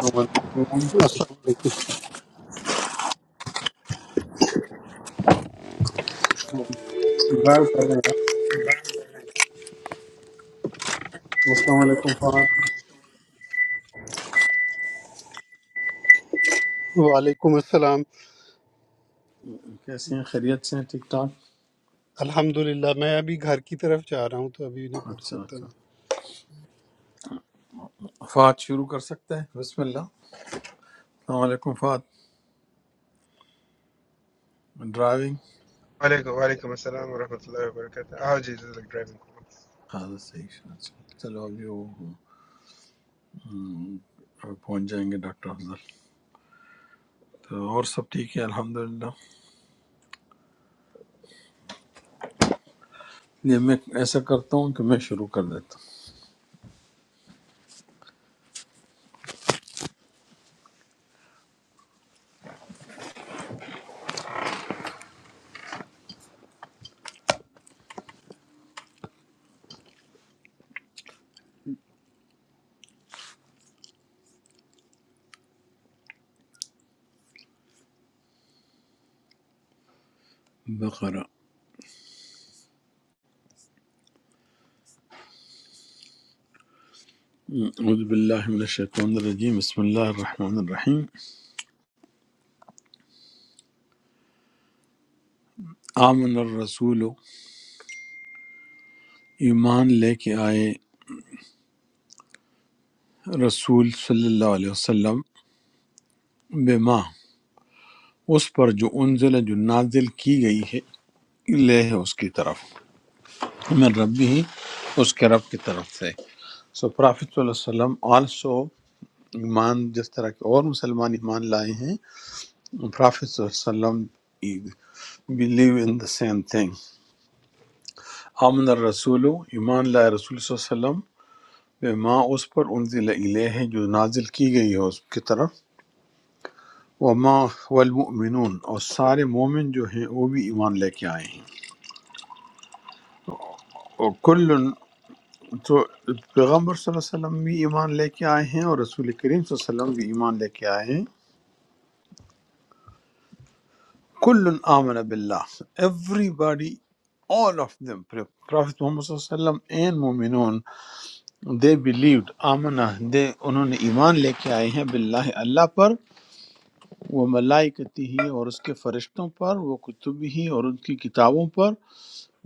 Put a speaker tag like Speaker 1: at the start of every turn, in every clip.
Speaker 1: السلام
Speaker 2: السلام علیکم
Speaker 1: علیکم ڈرائیو کر رہے ہیں السلام علیکم فہد
Speaker 2: وعلیکم السلام
Speaker 1: کیسے ہیں خیریت سے ہیں ٹھیک ٹھاک
Speaker 2: الحمد للہ میں ابھی گھر کی طرف جا رہا ہوں تو ابھی نہیں پڑھ
Speaker 1: اچھا
Speaker 2: سکتا
Speaker 1: اچھا
Speaker 2: میں
Speaker 1: فات شروع کر سکتے ہیں بسم اللہ السلام علیکم فات driving
Speaker 3: Walaikum, walaikum assalam wa rahmatullahi wa barakatuh. I'll just like driving. cool.
Speaker 1: ہاں صحیح ہے، اچھا چلو ابھی وہ ہم، پہنچ جائیں گے ڈاکٹر افضل تو اور سب ٹھیک ہے الحمدللہ یہ میں ایسا کرتا ہوں کہ میں شروع کر دیتا ہوں بقرہ اعوذ باللہ من الشیطان الرجیم بسم اللہ الرحمن الرحیم آمن الرسول ایمان لے کے آئے رسول صلی اللہ علیہ وسلم بما اس پر جو انزل جو نازل کی گئی ہے لہ اس کی طرف من ربی ہی اس کے رب کی طرف سے سو پرافت صلی اللہ علیہ وسلم آلسو ایمان جس طرح کے اور مسلمان ایمان لائے ہیں پرافت صلی اللہ علیہ وسلم believe in the same thing آمن الرسول ایمان لائے رسول صلی اللہ علیہ وسلم بما اس پر انزل الیہ جو نازل کی گئی ہے اس کی طرف وما والمؤمنون اور سارے مومن جو ہیں وہ بھی ایمان لے کے آئے ہیں اور کل تو پیغمبر صلی اللہ علیہ وسلم بھی ایمان لے کے آئے ہیں اور رسول کریم صلی اللہ علیہ وسلم بھی ایمان لے کے آئے ہیں کل آمن باللہ everybody all of them prophet Muhammad صلی اللہ علیہ وسلم and مومنون they believed Amna they انہوں نے ایمان لے کے آئے ہیں باللہ اللہ پر وہ ملائکتی ہی اور اس کے فرشتوں پر وہ کتب ہی اور ان کی کتابوں پر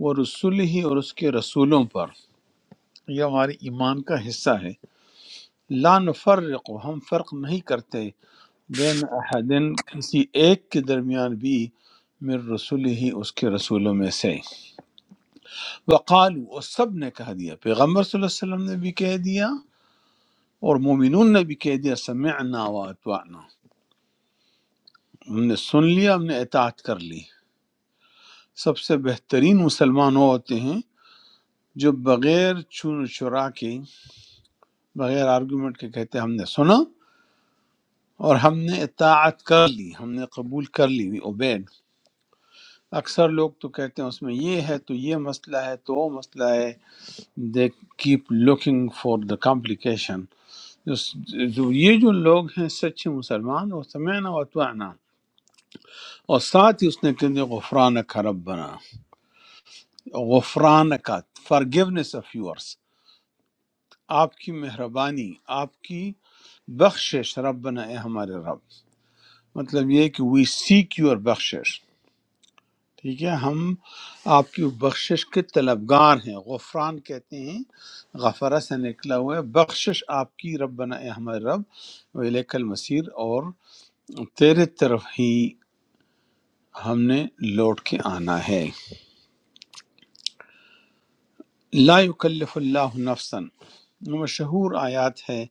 Speaker 1: وہ رسول ہی اور اس کے رسولوں پر یہ ہماری ایمان کا حصہ ہے لا نفرق ہم فرق نہیں کرتے بین احدن کسی ایک کے درمیان بھی من رسول ہی اس کے رسولوں میں سے وقالو اور سب نے کہہ دیا پیغمبر صلی اللہ علیہ وسلم نے بھی کہہ دیا اور مومنون نے بھی کہہ دیا سمعنا واتوانا ہم نے سن لیا ہم نے اطاعت کر لی سب سے بہترین مسلمان وہ ہوتے ہیں جو بغیر چون و چرا کے بغیر آرگومنٹ کے سنا اور ہم نے اطاعت کر لی ہم نے قبول اوبیڈ اکثر لوگ تو کہتے ہیں اس میں یہ ہے تو یہ مسئلہ ہے تو وہ مسئلہ ہے they keep looking for the complication جو یہ جو لوگ ہیں سچے مسلمان وہ سمینا و اتوانا اور ساتھ ہی اس نے کہہ دیا غفران کا رب بنا غفران کا فرگیونیس آف یورس آپ کی مہربانی آپ کی بخشش رب بنا اے ہمارے رب مطلب یہ ہے کہ وی سیک یور بخشش ٹھیک ہے ہم آپ کی بخشش کے طلبگار ہیں غفران کہتے ہیں غفرہ سے نکلا ہوا ہے بخشش آپ کی رب بنا اے ہمارے رب ولیک المصیر اور تیرے طرف ہی ہم نے لوٹ کے آنا ہے لا یکلف اللہ نفسا یہ مشہور آیات ہے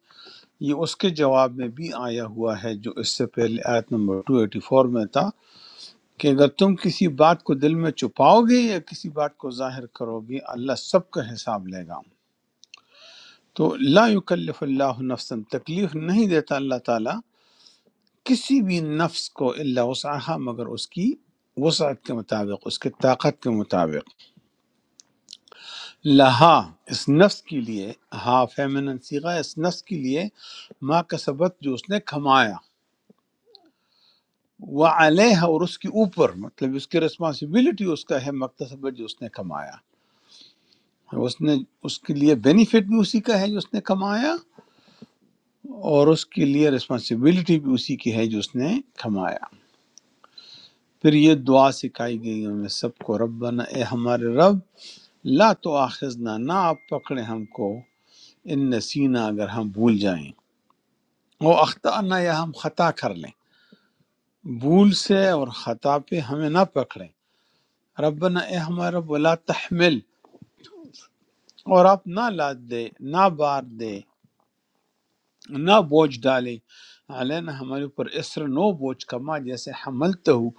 Speaker 1: یہ اس کے جواب میں بھی آیا ہوا ہے جو اس سے پہلے آیت نمبر 284 میں تھا کہ اگر تم کسی بات کو دل میں چھپاؤ گے یا کسی بات کو ظاہر کرو گے اللہ سب کا حساب لے گا تو لا یکلف اللہ نفسا تکلیف نہیں دیتا اللہ تعالیٰ کسی بھی نفس کو اللہ وسعہ مگر اس کی وسعت کے مطابق اس کے طاقت کے مطابق لہا اس نفس کے لیے ہا فیمنن سیغہ اس نفس کے لیے ما کسبت جو اس نے کھمایا وعلیہ اور اس کے اوپر مطلب اس کی رسپانسبلٹی اس کا ہے مکتسبت جو اس نے کھمایا اس نے اس کے لیے بینیفٹ بھی اسی کا ہے جو اس نے کمایا اور اس کے لیے رسپانسبلٹی بھی اسی کی ہے جو اس نے کھمایا پھر یہ دعا سکھائی گئی ہمیں سب کو ربنا اے ہمارے رب لا تو آخذنا نہ آپ پکڑے ہم کو ان نسینا اگر ہم بھول جائیں وہ اختانا یا ہم خطا کر لیں بھول سے اور خطا پہ ہمیں نہ پکڑیں ربنا اے ہمارے رب لا تحمل اور آپ نہ لاد دے نہ بار دے نہ بوجھ ڈالے علینا ہمارے اوپر اسر نو بوجھ کما جیسے حملتے ہو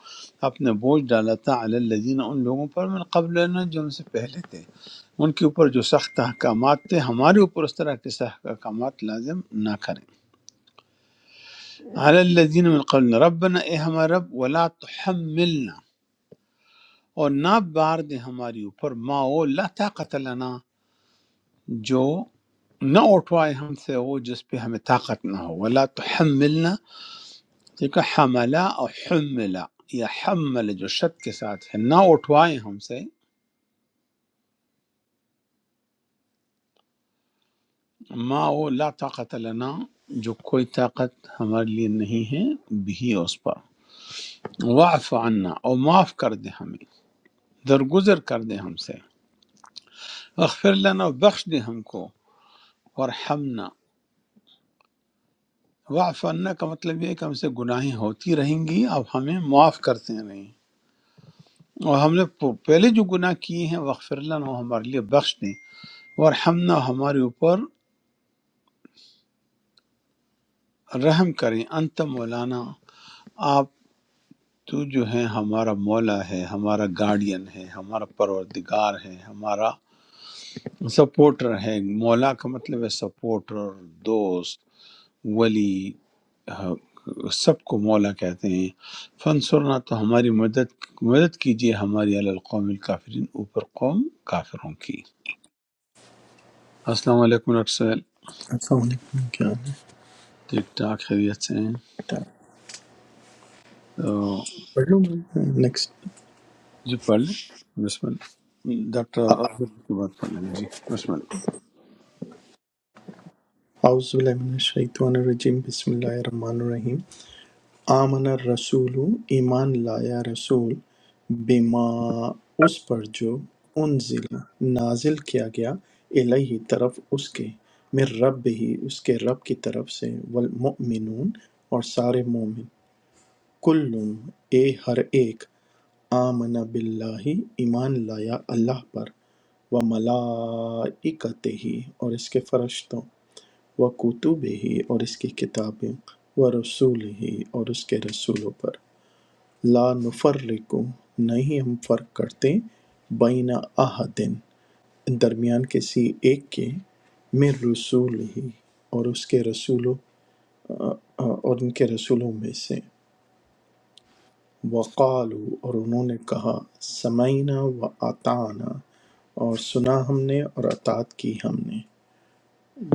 Speaker 1: آپ نے بوجھ ڈالا تھا علی الذین ان لوگوں پر من قبل جو ان سے پہلے تھے ان کے اوپر جو سخت احکامات تھے ہمارے اوپر اس طرح کے سخت احکامات لازم نہ کریں علی الذین من قبل ربنا اے ہمارے رب ولا تحملنا اور نہ بار دے ہماری اوپر ما او لا طاقت لنا جو نہ اٹھوائے ہم سے وہ جس پہ ہمیں طاقت نہ ہو ولا تحملنا ٹھیک ہے حملا اور حملا یا حمل جو شد کے ساتھ ہے نہ اٹھوائے ہم سے ما وہ لا طاقت لنا جو کوئی طاقت ہمارے لیے نہیں ہے بھی اس پر واعف عنا اور معاف کر دے ہمیں درگزر کر دے ہم سے اغفر لنا اور بخش دے ہم کو ورحمنا واعف عنا کا مطلب یہ ہے کہ ہم سے گناہیں ہوتی رہیں گی اب ہمیں معاف کرتے رہیں اور ہم نے پہلے جو گناہ کیے ہیں وغفر لنا وہ ہمارے لیے بخش دیں ورحمنا ہمارے اوپر رحم کریں انت مولانا آپ تو جو ہے ہمارا مولا ہے ہمارا گارڈین ہے ہمارا پروردگار ہے ہمارا سپورٹر ہے مولا کا مطلب ہے سپورٹر دوست ولی ہاں، سب کو مولا کہتے ہیں فنسرنا تو ہماری مدد مدد کیجیے ہماری علی القوم الکافرین اوپر قوم کافروں کی السلام علیکم ڈاکٹر سہیل
Speaker 4: السلام علیکم کیا
Speaker 1: ٹھیک ٹھاک خیریت سے ہیں
Speaker 4: ٹائم
Speaker 1: تو
Speaker 4: پڑھ لوں میں نیکسٹ
Speaker 1: جی پڑھ لیں بسم اللہ ڈاکٹر عبداللہ کی بات پڑھ لیں جی بسم اللہ
Speaker 4: اعوذ باللہ من الشیطان الرجیم بسم اللہ الرحمن الرحیم آمن الرسول ایمان لایا رسول بما اس پر جو انزل نازل کیا گیا الہی طرف اس کے من رب ہی اس کے رب کی طرف سے والمؤمنون اور سارے مومن کلم اے ہر ایک آمن باللہ ایمان لایا اللہ پر و ملائکتہ اور اس کے فرشتوں و کتب ہی اور اس کی کتابیں و رسول ہی اور اس کے رسولوں پر لا نفرق نہیں ہم فرق کرتے بین احدن درمیان کسی ایک کے میں رسول ہی اور اس کے رسولوں اور ان کے رسولوں میں سے وقالو اور انہوں نے کہا سمعینا و اطعنا اور سنا ہم نے اور اطاعت کی ہم نے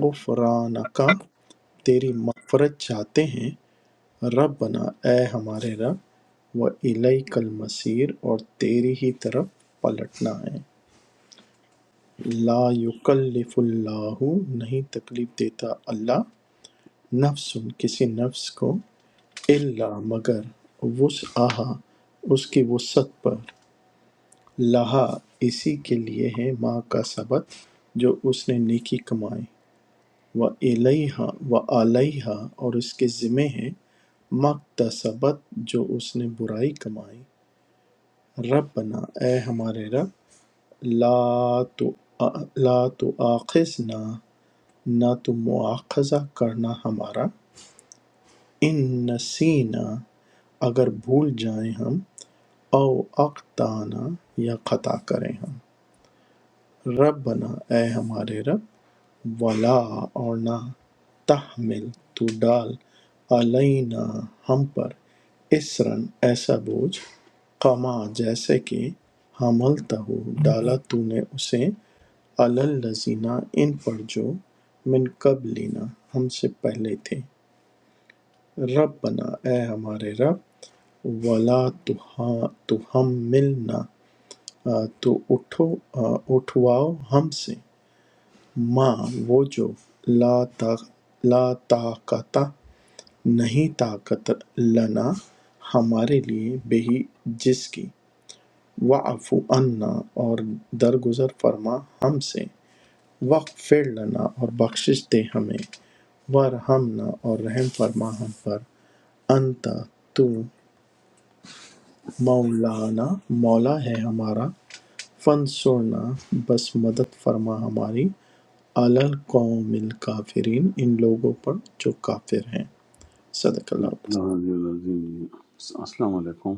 Speaker 4: غفرانکا تیری مغفرت چاہتے ہیں رب بنا اے ہمارے رب و الیک المصیر اور تیری ہی طرف پلٹنا ہے لا یکلف اللہ نہیں تکلیف دیتا اللہ نفس کسی نفس کو الا مگر وسعها اس کی وسعت پر لہٰ اسی کے لیے ہے ماہ کا سبت جو اس نے نیکی کمائی و علیہ و علیہ اور اس کے ذمے ہے مقتصبت جو اس نے برائی کمائی رب بنا اے ہمارے رب لا تو لا تو آخذنا نہ تو مواخذہ کرنا ہمارا ان نسینا اگر بھول جائیں ہم او اقتانا یا خطا کریں ہم رب بنا اے ہمارے رب وَلَا اور نہ تحمل تو ڈال علینا ہم پر اسرن ایسا بوجھ کما جیسے کہ حملتا ہو ڈالا تو نے اسے اللزینہ ان پر جو من قبلنا ہم سے پہلے تھے رب بنا اے ہمارے رب ولا تو ہم ملنا تو اٹھو آ، اٹھواؤ ہم سے ماں وہ جو لاتعاقتہ نہیں طاقت لنا ہمارے لیے بہی جس کی واعف عنا اور درگزر فرما ہم سے واغفر لنا اور بخشش دے ہمیں وارحمنا اور رحم فرما ہم پر انت تو مولانا مولا ہے ہمارا فن سونا بس مدد فرما ہماری علی القوم الکافرین ان لوگوں پر جو کافر ہیں صدق اللہ العظیم۔
Speaker 1: ہاں جی، عظیم جی۔ السلام علیکم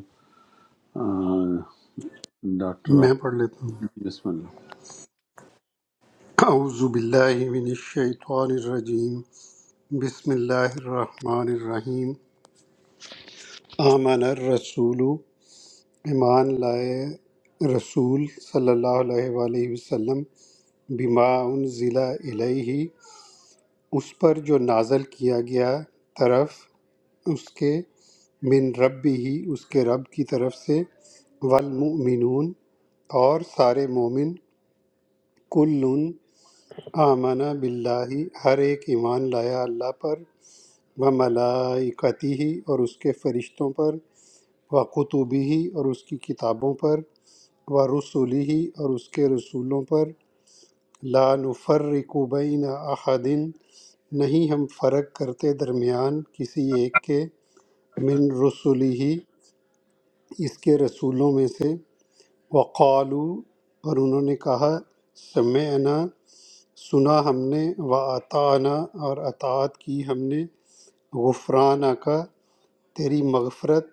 Speaker 1: آ، ڈاکٹر
Speaker 2: میں
Speaker 1: آپ-
Speaker 2: پڑھ لیتا ہوں
Speaker 1: بسم اللہ
Speaker 2: اعوذ باللہ من الشیطان الرجیم بسم اللہ الرحمن الرحیم آمن الرسول ایمان لائے رسول صلی اللہ علیہ وآلہ وسلم بما انزل الیہ اس پر جو نازل کیا گیا طرف اس کے من ربی ہی اس کے رب کی طرف سے والمؤمنون اور سارے مومن کل آمنا باللہ ہر ایک ایمان لایا اللہ پر و ملائکتی ہی اور اس کے فرشتوں پر و قطبی ہی اور اس کی کتابوں پر و رسولی ہی اور اس کے رسولوں پر لا نفرق بین احد نہیں ہم فرق کرتے درمیان کسی ایک کے من رسولی ہی اس کے رسولوں میں سے وقالو اور انہوں نے کہا سمعنا سنا ہم نے و اطعنا اور اطاعت کی ہم نے غفرانہ کا تیری مغفرت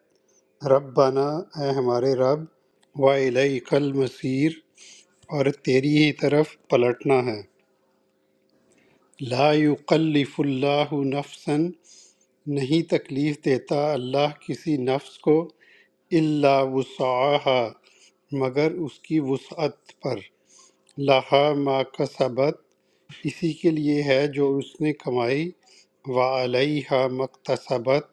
Speaker 2: ربنا اے ہمارے رب و الیک المصیر اور تیری ہی طرف پلٹنا ہے لا یکلف اللہ نفسا نہیں تکلیف دیتا اللہ کسی نفس کو الا وسعها مگر اس کی وسعت پر لہا ما کسبت اسی کے لیے ہے جو اس نے کمائی وعلیہا مکتسبت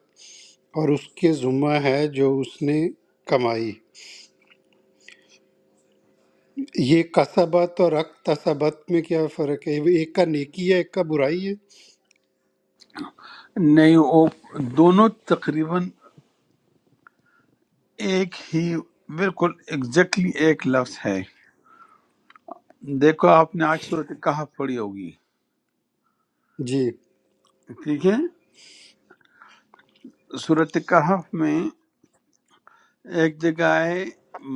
Speaker 2: اور اس کے ذمہ ہے جو اس نے کمائی یہ کسبت اور اکتسبت میں کیا فرق ہے ایک کا نیکی ہے ایک کا برائی ہے
Speaker 1: نہیں وہ دونوں تقریباً ایک ہی بالکل ایگزیکٹلی ایک لفظ ہے دیکھو آپ نے آج صورت کہف پڑھی ہوگی
Speaker 2: جی
Speaker 1: ٹھیک ہے صورت کہف میں ایک جگہ ہے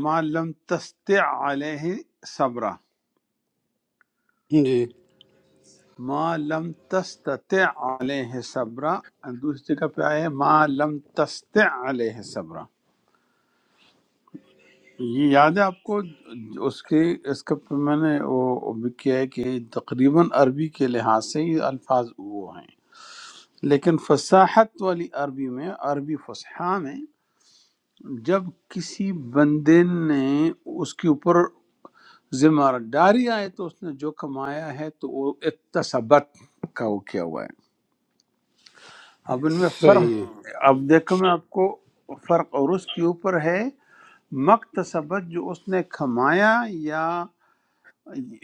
Speaker 1: ما لم تستع علیہ صبرا
Speaker 2: جی
Speaker 1: ما لم تستطع علیہ صبرا دوسری جگہ پہ آئے ما لم تستع علیہ صبرا یہ یاد ہے آپ کو اس کے اس کا پہ میں نے وہ بھی کیا ہے کہ تقریباً عربی کے لحاظ سے یہ الفاظ وہ ہیں لیکن فصاحت والی عربی میں عربی فصحا میں جب کسی بندے نے اس کے اوپر ذمہ داری آئے تو اس نے جو کمایا ہے تو وہ اکتسبت کا وہ کیا ہوا ہے اب ان میں
Speaker 2: صحیح ہے
Speaker 1: فرق اب دیکھو میں آپ کو فرق اور اس کے اوپر ہے مکتسبت جو اس نے کمایا یا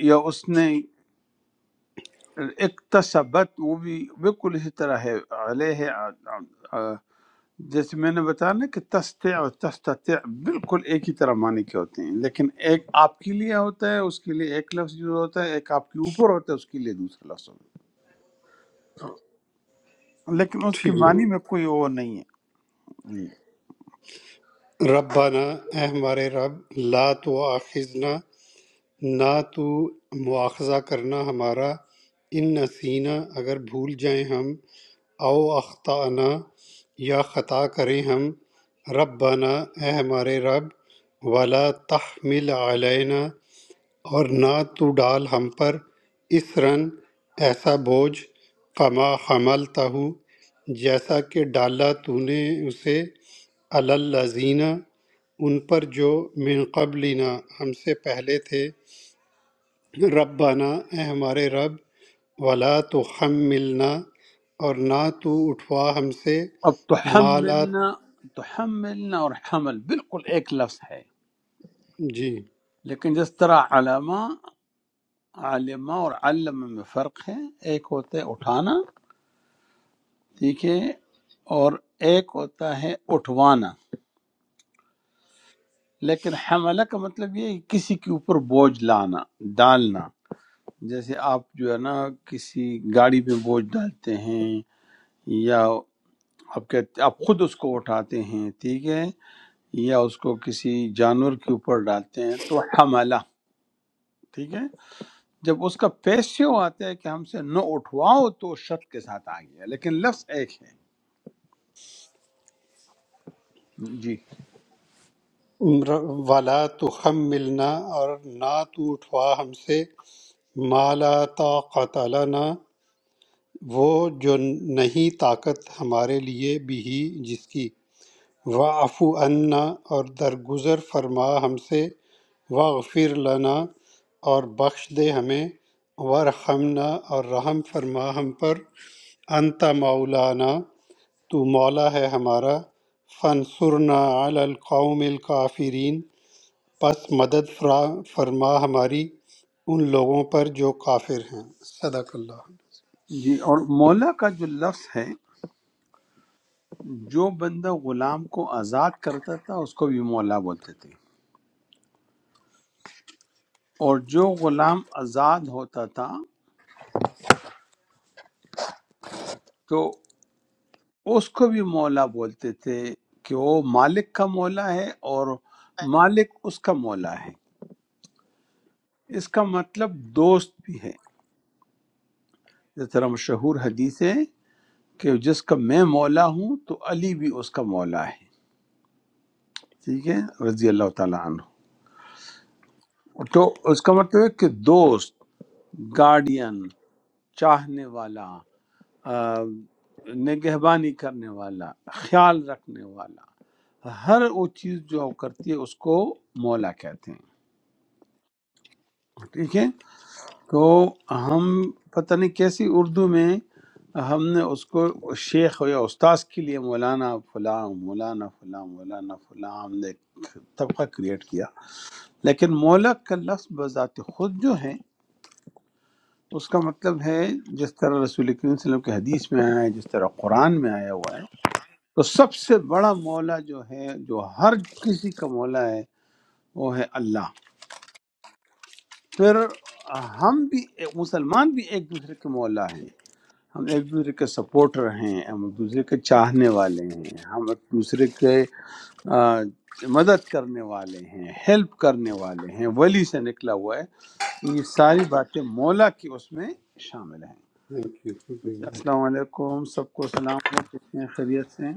Speaker 1: یا اس نے اکتسبت وہ بھی بالکل اسی طرح ہے علیہ آ- آ- آ- جیسے میں نے بتایا نا کہ تستع اور تستطع بالکل ایک ہی طرح معنی کے ہوتے ہیں لیکن ایک آپ کے لیے ہوتا ہے اس کے لیے ایک لفظ یوز ہوتا ہے ایک آپ کے اوپر ہوتا ہے اس کے لیے دوسرا لفظ ہوتا ہے لیکن اس کے
Speaker 2: ٹھیک
Speaker 1: معنی میں کوئی وہ نہیں ہے جی
Speaker 2: ربنا اے ہمارے رب لا تو آخذنا نہ تو مواخذہ کرنا ہمارا ان نسینا اگر بھول جائیں ہم او اختانا یا خطا کریں ہم ربنا اے ہمارے رب ولا تحمل علینا اور نہ تو ڈال ہم پر اس رن ایسا بوجھ کما حملتہ جیسا کہ ڈالا تو نے اسے الزینہ ان پر جو من قبلنا ہم سے پہلے تھے ربنا اے ہمارے رب ولا تو ہم ملنا اور نہ تو اٹھوا ہم سے
Speaker 1: اب
Speaker 2: مالا
Speaker 1: تحملنا تحملنا اور حمل بالکل ایک لفظ ہے
Speaker 2: جی
Speaker 1: لیکن جس طرح علامہ عالمہ اور علم میں فرق ہے ایک ہوتا ہے اٹھانا ٹھیک ہے اور ایک ہوتا ہے اٹھوانا لیکن حملہ کا مطلب یہ ہے کہ کسی کے اوپر بوجھ لانا ڈالنا جیسے آپ جو ہے نا کسی گاڑی پہ بوجھ ڈالتے ہیں یا آپ کہتے آپ خود اس کو اٹھاتے ہیں ٹھیک ہے یا اس کو کسی جانور کے اوپر ڈالتے ہیں تو حملہ ٹھیک ہے جب اس کا پیش یوں آتا ہے کہ ہم سے نہ اٹھواؤ تو شرط کے ساتھ آ گیا لیکن لفظ ایک ہے جی
Speaker 2: ولا تو ہم ملنا اور نہ تو اٹھوا ہم سے ما لا طاقت لنا وہ جو نہیں طاقت ہمارے لیے بھی جس کی واعف عنا اور درگزر فرما ہم سے واغفر لنا اور بخش دے ہمیں ورحمنا اور رحم فرما ہم پر انت مولانا تو مولا ہے ہمارا فنصرنا علی القوم الکافرین پس مدد فرا- فرما ہماری ان لوگوں پر جو کافر ہیں صدق اللہ
Speaker 1: جی اور مولا کا جو لفظ ہے جو بندہ غلام کو آزاد کرتا تھا اس کو بھی مولا بولتے تھے اور جو غلام آزاد ہوتا تھا تو اس کو بھی مولا بولتے تھے کہ وہ مالک کا مولا ہے اور مالک اس کا مولا ہے اس کا مطلب دوست بھی ہے جس طرح مشہور حدیث ہے کہ جس کا میں مولا ہوں تو علی بھی اس کا مولا ہے ٹھیک ہے رضی اللہ تعالیٰ عنہ تو اس کا مطلب ہے کہ دوست گارڈین چاہنے والا آ، نگہبانی کرنے والا خیال رکھنے والا ہر وہ چیز جو وہ کرتی ہے اس کو مولا کہتے ہیں ٹھیک ہے کو ہم پتہ نہیں کیسی اردو میں ہم نے اس کو شیخ یا استاذ کے لیے مولانا فلاں مولانا فلاں مولانا فلاں ہم نے ایک طبقہ کریٹ کیا لیکن مولا کا لفظ بذات خود جو ہے اس کا مطلب ہے جس طرح رسول کریم صلی اللہ علیہ وسلم کی حدیث میں آیا ہے جس طرح قرآن میں آیا ہوا ہے تو سب سے بڑا مولا جو ہے جو ہر کسی کا مولا ہے وہ ہے اللہ پھر ہم بھی مسلمان بھی ایک دوسرے کے مولا ہیں ہم ایک دوسرے کے سپورٹر ہیں ہم ایک دوسرے کے چاہنے والے ہیں ہم ایک دوسرے کے آ، مدد کرنے والے ہیں ہیلپ کرنے والے ہیں ولی سے نکلا ہوا ہے یہ ساری باتیں مولا کی اس میں شامل ہیں
Speaker 2: تھینک یو
Speaker 1: السلام علیکم سب کو سلام ہو کتنے خیریت سے ہیں؟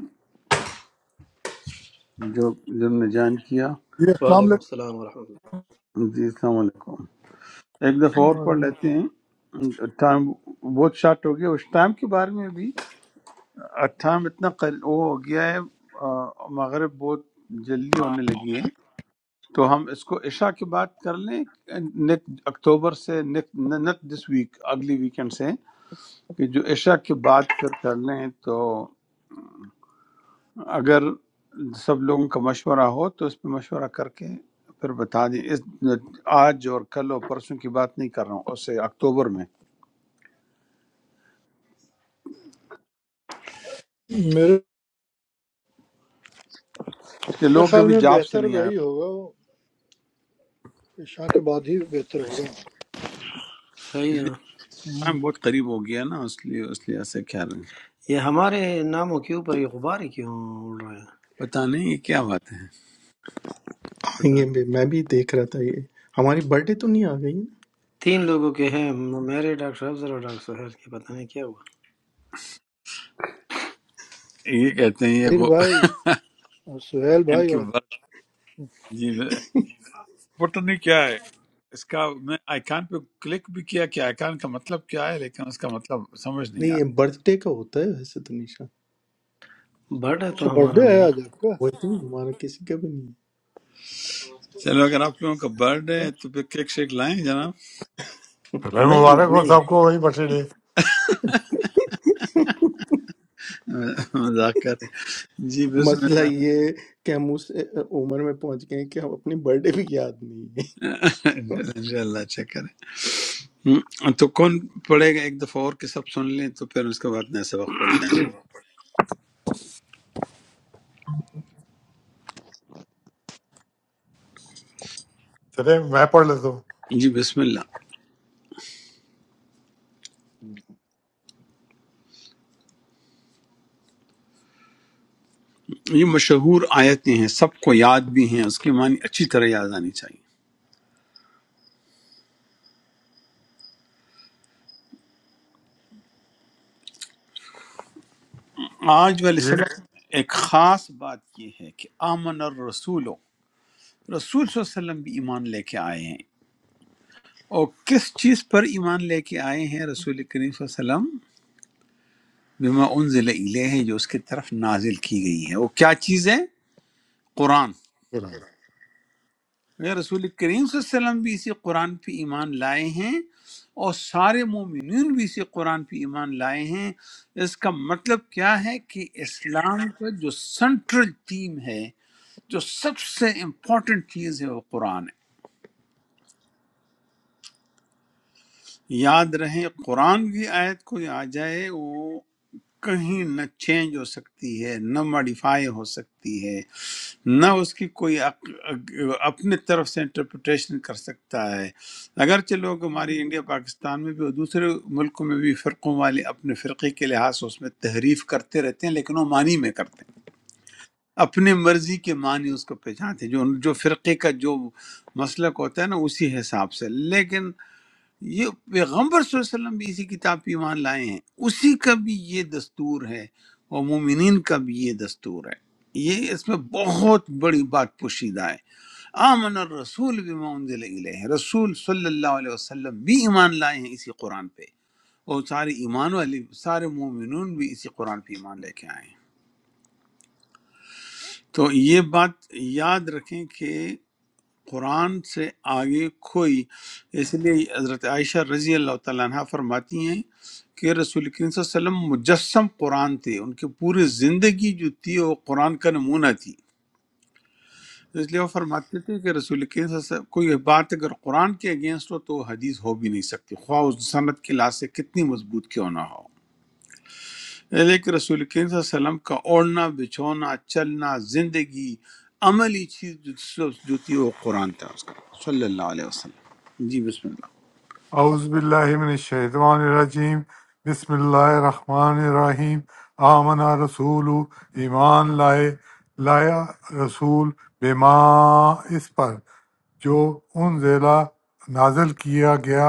Speaker 1: جو جن نے جان کیا
Speaker 5: جی السلام
Speaker 6: وعلیکم السلام ورحمۃ اللہ
Speaker 1: جی السلام علیکم ایک دفعہ
Speaker 5: علیکم
Speaker 1: اور پڑھ
Speaker 5: وعلیکم۔
Speaker 1: لیتے ہیں ٹائم بہت شارٹ ہو گیا اس ٹائم کے بارے میں بھی ٹائم اتنا قل- وہ ہو گیا ہے آ، مغرب بہت جلدی ہونے لگی ہے تو ہم اس کو عشاء کے بعد کر لیں نیک اکتوبر سے نیک نت دس ویک اگلی ویکنڈ سے کہ جو عشاء کے بعد پھر کر لیں تو اگر سب لوگوں کا مشورہ ہو تو اس پہ مشورہ کر کے پھر بتا دیں اس آج اور کل اور پرسوں کی بات نہیں کر رہا ہوں اس سے اکتوبر میں
Speaker 5: میرے
Speaker 1: کہ لوگ
Speaker 5: خیال
Speaker 1: کبھی
Speaker 5: میں
Speaker 1: جاب سے
Speaker 5: بہتر
Speaker 1: نہیں آئے
Speaker 5: وہی ہوگا وہ عشاء کے بعد ہی بہتر ہوگا
Speaker 1: اچھا
Speaker 6: صحیح
Speaker 1: اس لیے
Speaker 6: ہے
Speaker 5: ہم۔
Speaker 1: ٹائم بہت قریب ہو گیا نا اس لیے اس لیے ایسے کہہ رہے ہیں
Speaker 6: یہ ہمارے ناموں کے اوپر یہ غبار ہی کیوں اڑ رہے ہیں
Speaker 1: پتہ نہیں یہ کیا باتیں ہیں
Speaker 6: پتہ
Speaker 4: یہ
Speaker 6: نہیں
Speaker 4: بھی- میں بھی دیکھ رہا تھا یہ ہماری برتھ ڈے تو نہیں آ گئی نا؟
Speaker 6: تین لوگوں کے ہیں میرے ڈاکٹر افضل اور ڈاکٹر سہر کے پتہ نہیں کیا ہوا
Speaker 1: یہ کہتے ہیں یہ
Speaker 5: طاہر
Speaker 1: وہ
Speaker 5: بھائی اور سہیل
Speaker 1: ان
Speaker 5: بھائی
Speaker 1: کی
Speaker 5: اور
Speaker 1: بات جی میں- پتہ نہیں کیا ہے اس کا میں آئیکن پہ کلک بھی کیا کہ آئیکن کا مطلب کیا ہے لیکن اس کا مطلب سمجھ نہیں
Speaker 4: نہیں یہ
Speaker 1: آتا
Speaker 4: برتھ ڈے کا ہوتا ہے ویسے تو نشا
Speaker 6: بڑا
Speaker 5: اچھا
Speaker 6: تو
Speaker 5: برتھ
Speaker 6: ہمارا
Speaker 5: ڈے ہے
Speaker 6: نہیں
Speaker 5: آج
Speaker 6: ہے
Speaker 5: آپ
Speaker 4: وہ
Speaker 5: کا
Speaker 4: تو ہمارا کسی کا بھی نہیں ہے۔
Speaker 1: چلو اگر آپ لوگوں کا برڈ ہے تو پھر کیک شیک لائیں جناب
Speaker 7: میں
Speaker 6: نہیں ہے
Speaker 7: مبارک ہو
Speaker 6: نہیں
Speaker 7: سب کو وہی بخشے دے
Speaker 1: مذاق کر رہے ہیں۔ جی بسم
Speaker 4: مسئلہ
Speaker 1: اللہ
Speaker 4: یہ ہے کہ ہم اس عمر میں پہنچ گئے ہیں کہ ہم اپنی برتھ ڈے بھی یاد نہیں ہے
Speaker 1: انشاء اللہ اچھا کریں ہم، تو کون پڑھے گا ایک دفعہ اور کہ سب سن لیں تو پھر اس کے بعد نئے سبق پڑھیں
Speaker 7: چلے میں پڑھ لیتا ہوں
Speaker 1: گے جی بسم اللہ یہ مشہور آیتیں ہیں سب کو یاد بھی ہیں اس کے معنی اچھی طرح یاد آنی چاہیے آج والے سبق میں ایک خاص بات یہ ہے کہ آمن الرسول رسول صلی اللہ علیہ وسلم بھی ایمان لے کے آئے ہیں اور کس چیز پر ایمان لے کے آئے ہیں رسول کریم صلی اللہ علیہ وسلم بما انزل الیہ جو اس کی طرف نازل کی گئی ہے وہ کیا چیز ہے قرآن
Speaker 7: یہ
Speaker 1: اگر رسول کریم صلی اللہ علیہ وسلم بھی اسی قرآن پہ ایمان لائے ہیں اور سارے مومنین بھی اسی قرآن پہ ایمان لائے ہیں اس کا مطلب کیا ہے کہ اسلام کا جو سینٹرل تھیم ہے جو سب سے امپورٹنٹ چیز ہے وہ قرآن ہے یاد رہے قرآن کی آیت کوئی آ جائے وہ کہیں نہ چینج ہو سکتی ہے نہ ماڈیفائی ہو سکتی ہے نہ اس کی کوئی اق- اق- اپنے طرف سے انٹرپریٹیشن کر سکتا ہے اگرچہ لوگ ہماری انڈیا پاکستان میں بھی اور دوسرے ملکوں میں بھی فرقوں والے اپنے فرقے کے لحاظ سے اس میں تحریف کرتے رہتے ہیں لیکن وہ معنی میں کرتے ہیں اپنے مرضی کے معنی اس کو پہچانتے ہیں جو جو فرقے کا جو مسلک ہوتا ہے نا اسی حساب سے لیکن یہ پیغمبر صلی اللہ علیہ وسلم بھی اسی کتاب پہ ایمان لائے ہیں اسی کا بھی یہ دستور ہے اور مومنین کا بھی یہ دستور ہے یہ اس میں بہت بڑی بات پوشیدہ ہے آمن الرسول بما انزل الیہ رسول صلی اللہ علیہ وسلم بھی ایمان لائے ہیں اسی قرآن پہ اور سارے ایمان والے سارے مومنون بھی اسی قرآن پہ ایمان لے کے آئے ہیں تو یہ بات یاد رکھیں کہ قرآن سے آگے کوئی اس لیے حضرت عائشہ رضی اللہ تعالیٰ عنہ فرماتی ہیں کہ رسول کریم صلی اللہ علیہ وسلم مجسم قرآن تھے ان کی پوری زندگی جو تھی وہ قرآن کا نمونہ تھی اس لیے وہ فرماتے تھے کہ رسول کریم صلی اللہ علیہ وسلم کوئی بات اگر قرآن کے اگینسٹ ہو تو وہ حدیث ہو بھی نہیں سکتی خواہ اس صنعت کی لحاظ سے کتنی مضبوط کیوں نہ ہو لیکن رسول کریم صلی اللہ علیہ وسلم کا اوڑھنا بچھونا چلنا زندگی عملی چیز جو جو- جو تھی وہ قرآن تھا اس کا صلی اللہ علیہ وسلم جی بسم اللہ
Speaker 7: اعوذ باللہ من الشیطان الرجیم بسم اللہ الرحمن الرحیم آمنا رسول ایمان لائے لایا رسول بما اس پر جو ان ضلع نازل کیا گیا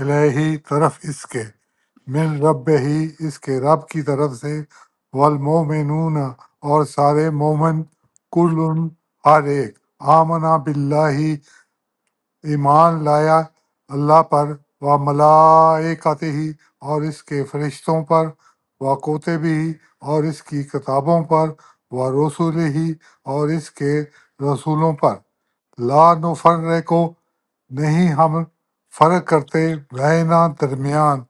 Speaker 7: الہی طرف اس کے من رب ہی اس کے رب کی طرف سے والمومنون اور سارے مومن کل ہر ایک آمنا باللہ ایمان لایا اللہ پر و ملائکتہ ہی اور اس کے فرشتوں پر و کتب ہی اور اس کی کتابوں پر و رسول ہی اور اس کے رسولوں پر لا نفرقو نہیں ہم فرق کرتے رہنا درمیان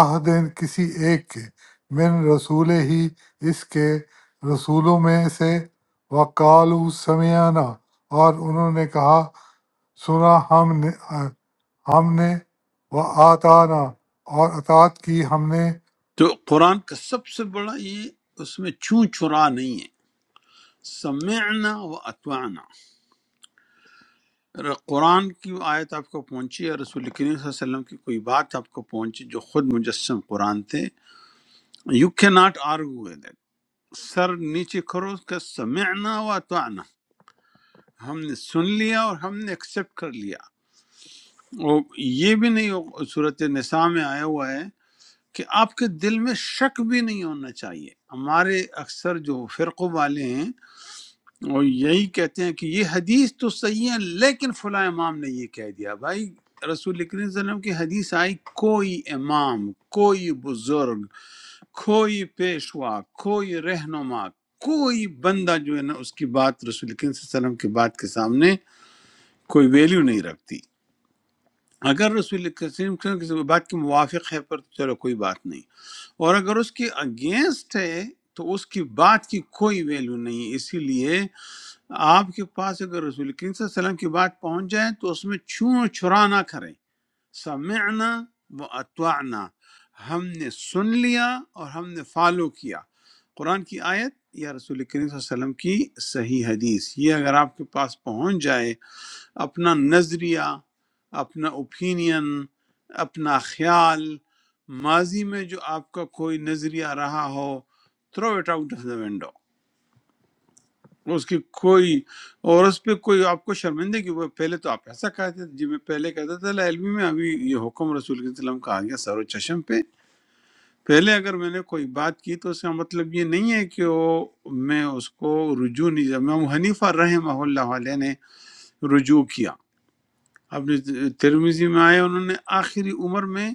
Speaker 7: عہدین کسی ایک کے من رسول ہی اس کے رسولوں میں سے وقالو سمیانہ اور انہوں نے کہا سنا ہم نے ہم نے وہ آتانا اور اطاعت کی ہم نے
Speaker 1: تو قرآن کا سب سے بڑا یہ اس میں چون چرا نہیں ہے سمعنا و اتوانا قرآن کی آیت آپ کو پہنچی ہے رسول کریم صلی اللہ علیہ وسلم کی کوئی بات آپ کو پہنچی جو خود مجسم قرآن تھے یو کی ناٹ آرگو ود، سر نیچے کرو اس کا سمعنا و اتوانا ہم نے سن لیا اور ہم نے ایکسیپٹ کر لیا اور یہ بھی نہیں ہو- صورت نساء میں آیا ہوا ہے کہ آپ کے دل میں شک بھی نہیں ہونا چاہیے ہمارے اکثر جو فرقوں والے ہیں وہ یہی کہتے ہیں کہ یہ حدیث تو صحیح ہے لیکن فلاں امام نے یہ کہہ دیا بھائی رسول کریم صلی اللہ علیہ وسلم کی حدیث آئی کوئی امام کوئی بزرگ کوئی پیشوا کوئی رہنما کوئی بندہ جو ہے نا اس کی بات رسول کریم صلی اللہ علیہ وسلم کی بات کے سامنے کوئی ویلیو نہیں رکھتی اگر رسول کریم صلی اللہ علیہ وسلم کسی بات کے موافق ہے پر تو چلو کوئی بات نہیں اور اگر اس کے اگینسٹ ہے تو اس کی بات کی کوئی ویلیو نہیں ہے اسی لیے آپ کے پاس اگر رسول کریم صلی اللہ علیہ وسلم کی بات پہنچ جائے تو اس میں چھو اور چھرا نہ کریں سمعنا و اتوانا ہم نے سن لیا اور ہم نے فالو کیا قرآن کی آیت یا رسول کریم صلی اللہ علیہ وسلم کی صحیح حدیث یہ اگر آپ کے پاس پہنچ جائے اپنا نظریہ اپنا اوپینین اپنا خیال ماضی میں جو آپ کا کوئی نظریہ رہا ہو throw it out of the window اس کی کوئی اور اس پہ کوئی آپ کو شرمندگی وہ پہلے تو آپ ایسا کہتے تھے جی میں پہلے کہتا تھا لا علمی میں ابھی یہ حکم رسول کے وسلم کا آ گیا سر و چشم پہ پہلے اگر میں نے کوئی بات کی تو اس کا مطلب یہ نہیں ہے کہ وہ میں اس کو رجوع نہیں امام حنیفہ رحمہ اللہ علیہ نے رجوع کیا اب ترمیزی میں آئے انہوں نے آخری عمر میں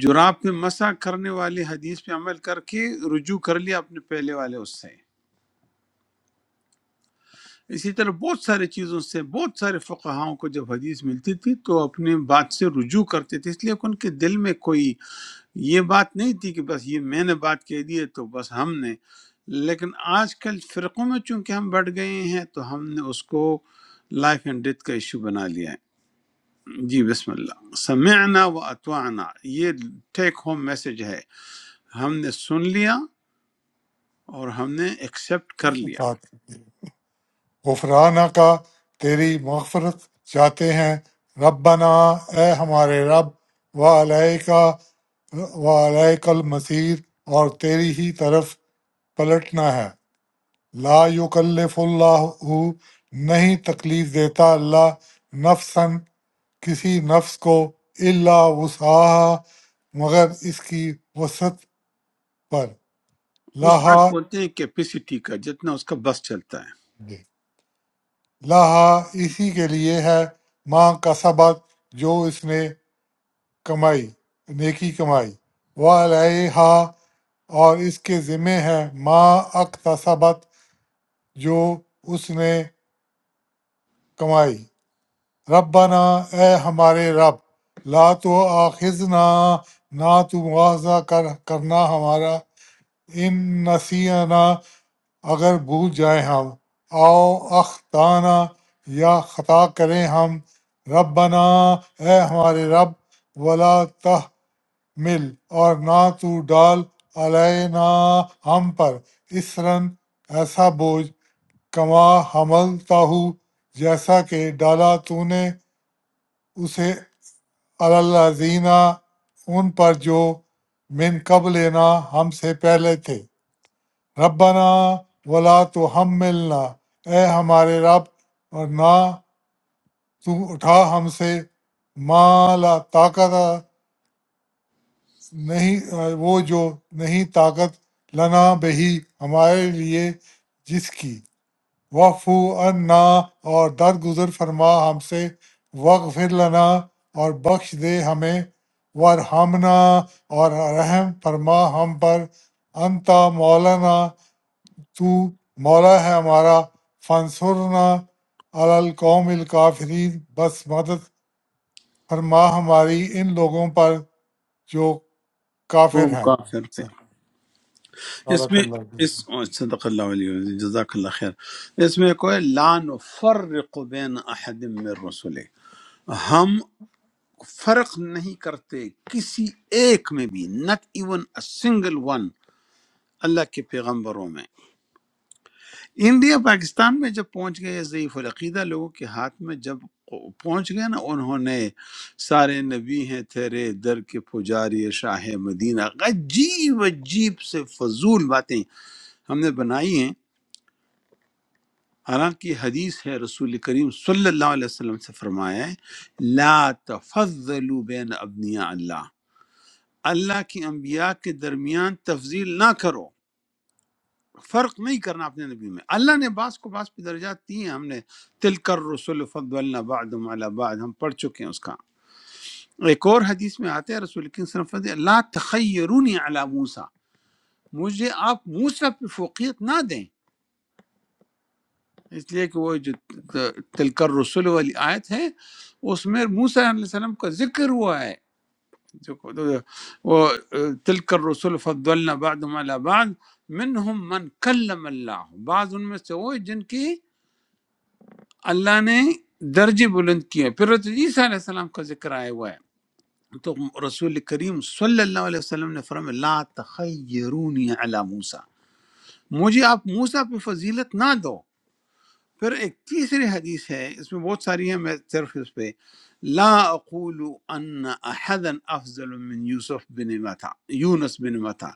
Speaker 1: جراب پہ مسح کرنے والے حدیث پہ عمل کر کے رجوع کر لیا اپنے پہلے والے اس سے اسی طرح بہت سارے چیزوں سے بہت سارے فقہاؤں کو جب حدیث ملتی تھی تو اپنے بات سے رجوع کرتے تھے اس لیے کہ ان کے دل میں کوئی یہ بات نہیں تھی کہ بس یہ میں نے بات کہہ دی ہے تو بس ہم نے لیکن آج کل فرقوں میں چونکہ ہم بڑھ گئے ہیں تو ہم نے اس کو لائف اینڈ ڈیتھ کا ایشو بنا لیا ہے جی بسم اللہ سمعنا و اتوانا یہ ٹیک ہوم میسج ہے ہم نے سن لیا اور ہم نے ایکسپٹ کر لیا
Speaker 7: اطاعت کی۔ غفرانہ کا تیری مغفرت چاہتے ہیں ربنا اے ہمارے رب و علیہ و علیہ المسیر اور تیری ہی طرف پلٹنا ہے لا یکلف اللہ نہیں تکلیف دیتا اللہ نفسن کسی نفس کو اللہ وسعہ مگر اس کی وسعت پر
Speaker 1: اس آج
Speaker 7: لاہا
Speaker 1: بولتے ہیں کیپیسٹی کا جتنا اس کا بس چلتا ہے
Speaker 7: لاہا اسی کے لیے ہے ماں کا سبق جو اس نے کمائی نیکی کمائی وہ علیہا اور اس کے ذمے ہے ماں اقتصبت جو اس نے کمائی ربنا اے ہمارے رب لا تو آخذنا نہ تو مواضع کر کرنا ہمارا ان نسینا اگر بھول جائیں ہم آؤ اختانہ یا خطا کریں ہم ربنا اے ہمارے رب ولا تحمل اور نہ تو ڈال علینا ہم پر اسرن ایسا بوجھ کما حمل ہو جیسا کہ ڈالا تو نے اسے الزینہ ان پر جو من قبلنا ہم سے پہلے تھے ربنا ولا تو ہم ملنا اے ہمارے رب اور نہ تو اٹھا ہم سے ما لا طاقت نہیں وہ جو نہیں طاقت لنا بہی ہمارے لیے جس کی وفو عنا اور درگزر فرما ہم سے وغفر لنا اور بخش دے ہمیں ورحمنا اور رحم فرما ہم پر انتا مولانا تو مولا ہے ہمارا فانصرنا علی القوم الکافرین بس مدد فرما ہماری ان لوگوں پر جو کافر
Speaker 1: قوم
Speaker 7: ہیں
Speaker 1: کافر پہ
Speaker 7: صدق اللہ
Speaker 1: اس
Speaker 7: علیہ
Speaker 1: میں
Speaker 7: وسلم۔
Speaker 1: اس صدق اللہ علیہ وسلم، جزاک اللہ خیر اس میں کوئی لا نفرق بین احد من رسول ہم فرق نہیں کرتے کسی ایک میں بھی not even a single one اللہ کے پیغمبروں میں انڈیا پاکستان میں جب پہنچ گئے ضعیف العقیدہ لوگوں کے ہاتھ میں جب پہنچ گئے نا انہوں نے سارے نبی ہیں تیرے در کے پجاری شاہ مدینہ عجیب عجیب سے فضول باتیں ہم نے بنائی ہیں حالانکہ حدیث ہے رسول کریم صلی اللہ علیہ وسلم سے فرمایا ہے لا تفضلوا بین ابنیاء اللہ اللہ کی انبیاء کے درمیان تفضیل نہ کرو فرق نہیں کرنا اپنے نبی میں اللہ نے بعض کو بعض پہ درجات دیے ہیں ہم نے تل کر رسول فض اللہ بعد بعد ہم پڑھ چکے ہیں اس کا ایک اور حدیث میں آتے ہیں رسول کی صرف اللہ علیہ وسلم لا تخیرونی علی موسیٰ مجھے آپ موسیٰ پہ فوقیت نہ دیں اس لیے کہ وہ جو تلکر رسول والی آیت ہے اس میں موسیٰ علیہ السلام کا ذکر ہوا ہے جو وہ تلکر رسول فضلنا بعد علی بعد منہم من کلم اللہ بعض ان میں سے وہ ہیں جن کی اللہ نے درجے بلند کیے پھر حضرت عیسیٰ علیہ السلام کا ذکر آیا ہوا ہے تو رسول کریم صلی اللہ علیہ وسلم نے فرمایا لا تخیرونی علی موسیٰ مجھے آپ موسیٰ پہ فضیلت نہ دو پھر ایک تیسری حدیث ہے اس میں بہت ساری ہیں میں صرف اس پہ لا اقول ان احدا افضل من یوسف بن متا یونس بن متا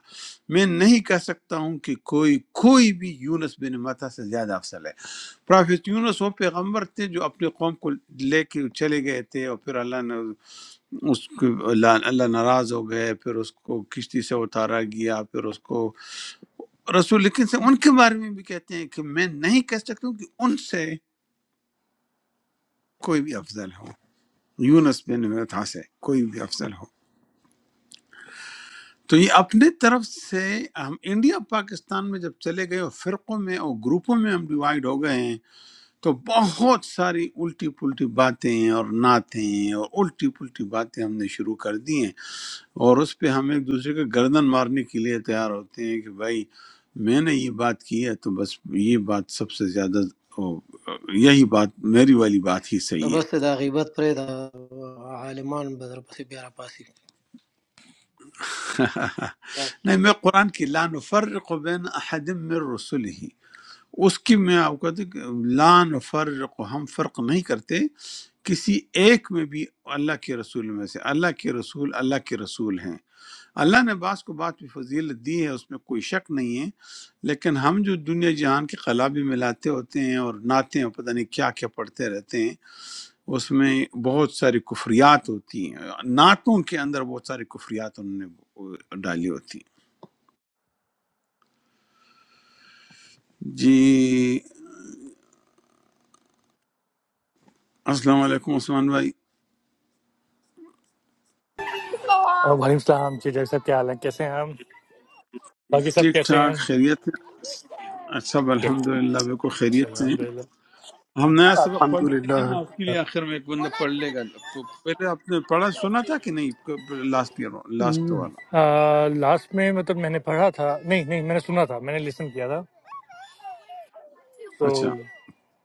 Speaker 1: میں نہیں کہہ سکتا ہوں کہ کوئی کوئی بھی یونس بن متا سے زیادہ افضل ہے پرافیت یونس وہ پیغمبر تھے جو اپنے قوم کو لے کے چلے گئے تھے اور پھر اللہ نے اس کو اللہ, اللہ ناراض ہو گئے پھر اس کو کشتی سے اتارا گیا پھر اس کو رسول لیکن سے ان کے بارے میں بھی کہتے ہیں کہ میں نہیں کہہ سکتا ہوں کہ ان سے کوئی بھی افضل ہو یونس بن متا سے کوئی بھی افضل ہو تو یہ اپنے طرف سے ہم انڈیا پاکستان میں جب چلے گئے اور فرقوں میں اور گروپوں میں ہم ڈیوائیڈ ہو گئے ہیں تو بہت ساری الٹی پلٹی باتیں اور نعتیں اور الٹی پلٹی باتیں ہم نے شروع کر دی ہیں اور اس پہ ہم ایک دوسرے کے گردن مارنے کے لیے تیار ہوتے ہیں کہ بھائی میں نے یہ بات کی ہے تو بس یہ بات سب سے زیادہ او، یہی بات میری والی بات ہی
Speaker 6: دا
Speaker 1: صحیح ہے
Speaker 6: بس دا غیبت پرے دا عالمان بدر پسی بیارا پاسی
Speaker 1: نہیں میں قرآن کی لا نفرق بین احد من رسل ہی اس کی میں آپ کو کہتا ہوں کہ لا نفرق ہم فرق نہیں کرتے کسی ایک میں بھی اللہ کے رسول میں سے اللہ کے رسول اللہ کے رسول ہیں اللہ نے بعض کو بات پہ فضیلت دی ہے اس میں کوئی شک نہیں ہے لیکن ہم جو دنیا جہان کے قلابی ملاتے ہوتے ہیں اور نعتیں اور پتہ نہیں کیا کیا پڑھتے رہتے ہیں اس میں بہت ساری کفریات ہوتی ہیں نعتوں کے اندر بہت ساری کفریات انہوں نے ڈالی ہوتی ہیں جی السلام علیکم عثمان بھائی
Speaker 8: اور وعلیکم السلام جی ڈاکٹر صاحب کیا حال ہیں کیسے ہیں ہم باقی سب
Speaker 1: ٹھیک
Speaker 8: کیسے ہیں
Speaker 1: ٹھاک خیریت ہے اچھا الحمد للہ بالکل
Speaker 8: اچھا،
Speaker 1: خیریت سے
Speaker 8: الحمد
Speaker 1: ہیں
Speaker 8: للہ
Speaker 1: ہم نیا سبق پڑھ
Speaker 2: الحمد
Speaker 1: لیں گے نا آپ کے
Speaker 2: للہ
Speaker 1: لیے آخر میں ایک بندہ پڑھ لے گا پ- پہلے آپ نے پڑھا سنا تھا کہ نہیں لاسٹ ایئر لاسٹ والا
Speaker 8: لاسٹ میں مطلب میں نے پڑھا تھا نہیں نہیں میں نے سنا تھا میں نے لسن کیا تھا تو
Speaker 1: اچھا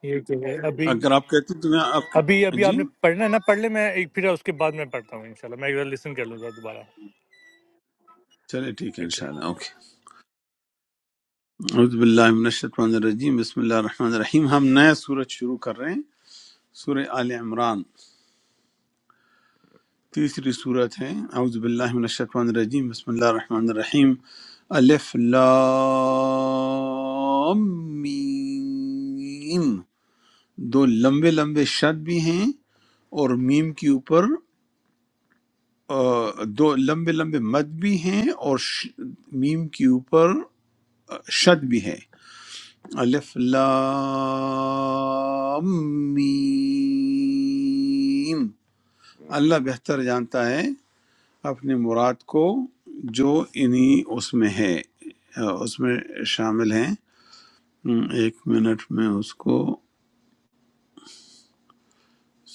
Speaker 8: یہ کہ ابھی
Speaker 1: اگر آپ کہتے تو میں آپ کی-
Speaker 8: ابھی ابھی آپ
Speaker 1: جی
Speaker 8: نے پڑھنا ہے نا پڑھ لیں میں ایک پھر اس کے بعد میں پڑھتا ہوں انشاءاللہ میں ایک بار لسن کر لوں گا دوبارہ
Speaker 1: چلے ٹھیک ہے
Speaker 8: ٹھیک ہے
Speaker 1: انشاءاللہ اوکے اعوذ باللہ من الشیطان الرجیم بسم اللہ الرحمن الرحیم ہم نیا سورج شروع کر رہے ہیں سورہ آل عمران تیسری صورت ہے اعوذ باللہ من الشیطان الرجیم بسم اللہ الرحمن الرحیم الف لام میم دو لمبے لمبے شد بھی ہیں اور میم کے اوپر آ، دو لمبے لمبے مد بھی ہیں اور ش- میم کے اوپر آ، شد بھی ہے الف لام میم اللہ بہتر جانتا ہے اپنی مراد کو جو انہی اس میں ہے اس میں شامل ہیں ایک منٹ میں اس کو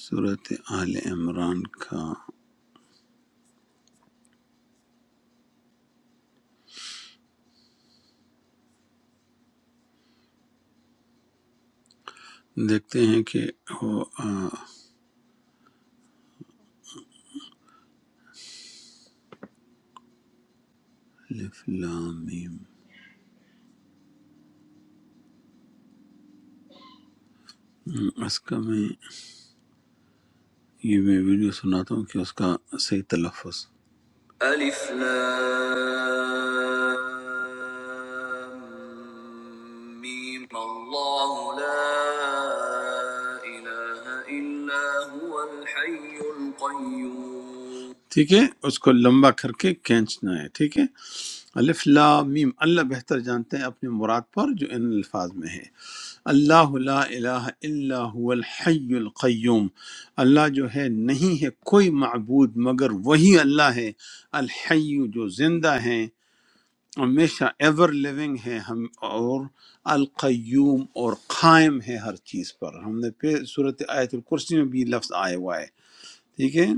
Speaker 1: صورت آل عمران کا دیکھتے ہیں کہ وہ آ، الف لام میم اس کا میں یہ میں ویڈیو سناتا ہوں کہ اس کا صحیح تلفظ ألف لام ميم الله لا إله إلا هو الحي القيوم ٹھیک ہے اس کو لمبا کر کے کھینچنا ہے ٹھیک ہے الف لام میم اللہ بہتر جانتے ہیں اپنی مراد پر جو ان الفاظ میں ہے اللہ لا الہ الا هو الحی القیوم اللہ جو ہے نہیں ہے کوئی معبود مگر وہی اللہ ہے الحی جو زندہ ہیں ہمیشہ ایور لیونگ ہے ہم اور القیوم اور قائم ہے ہر چیز پر ہم نے پھر صورت آیت الکرسی میں بھی یہ لفظ آیا ہوا ہے ٹھیک ہے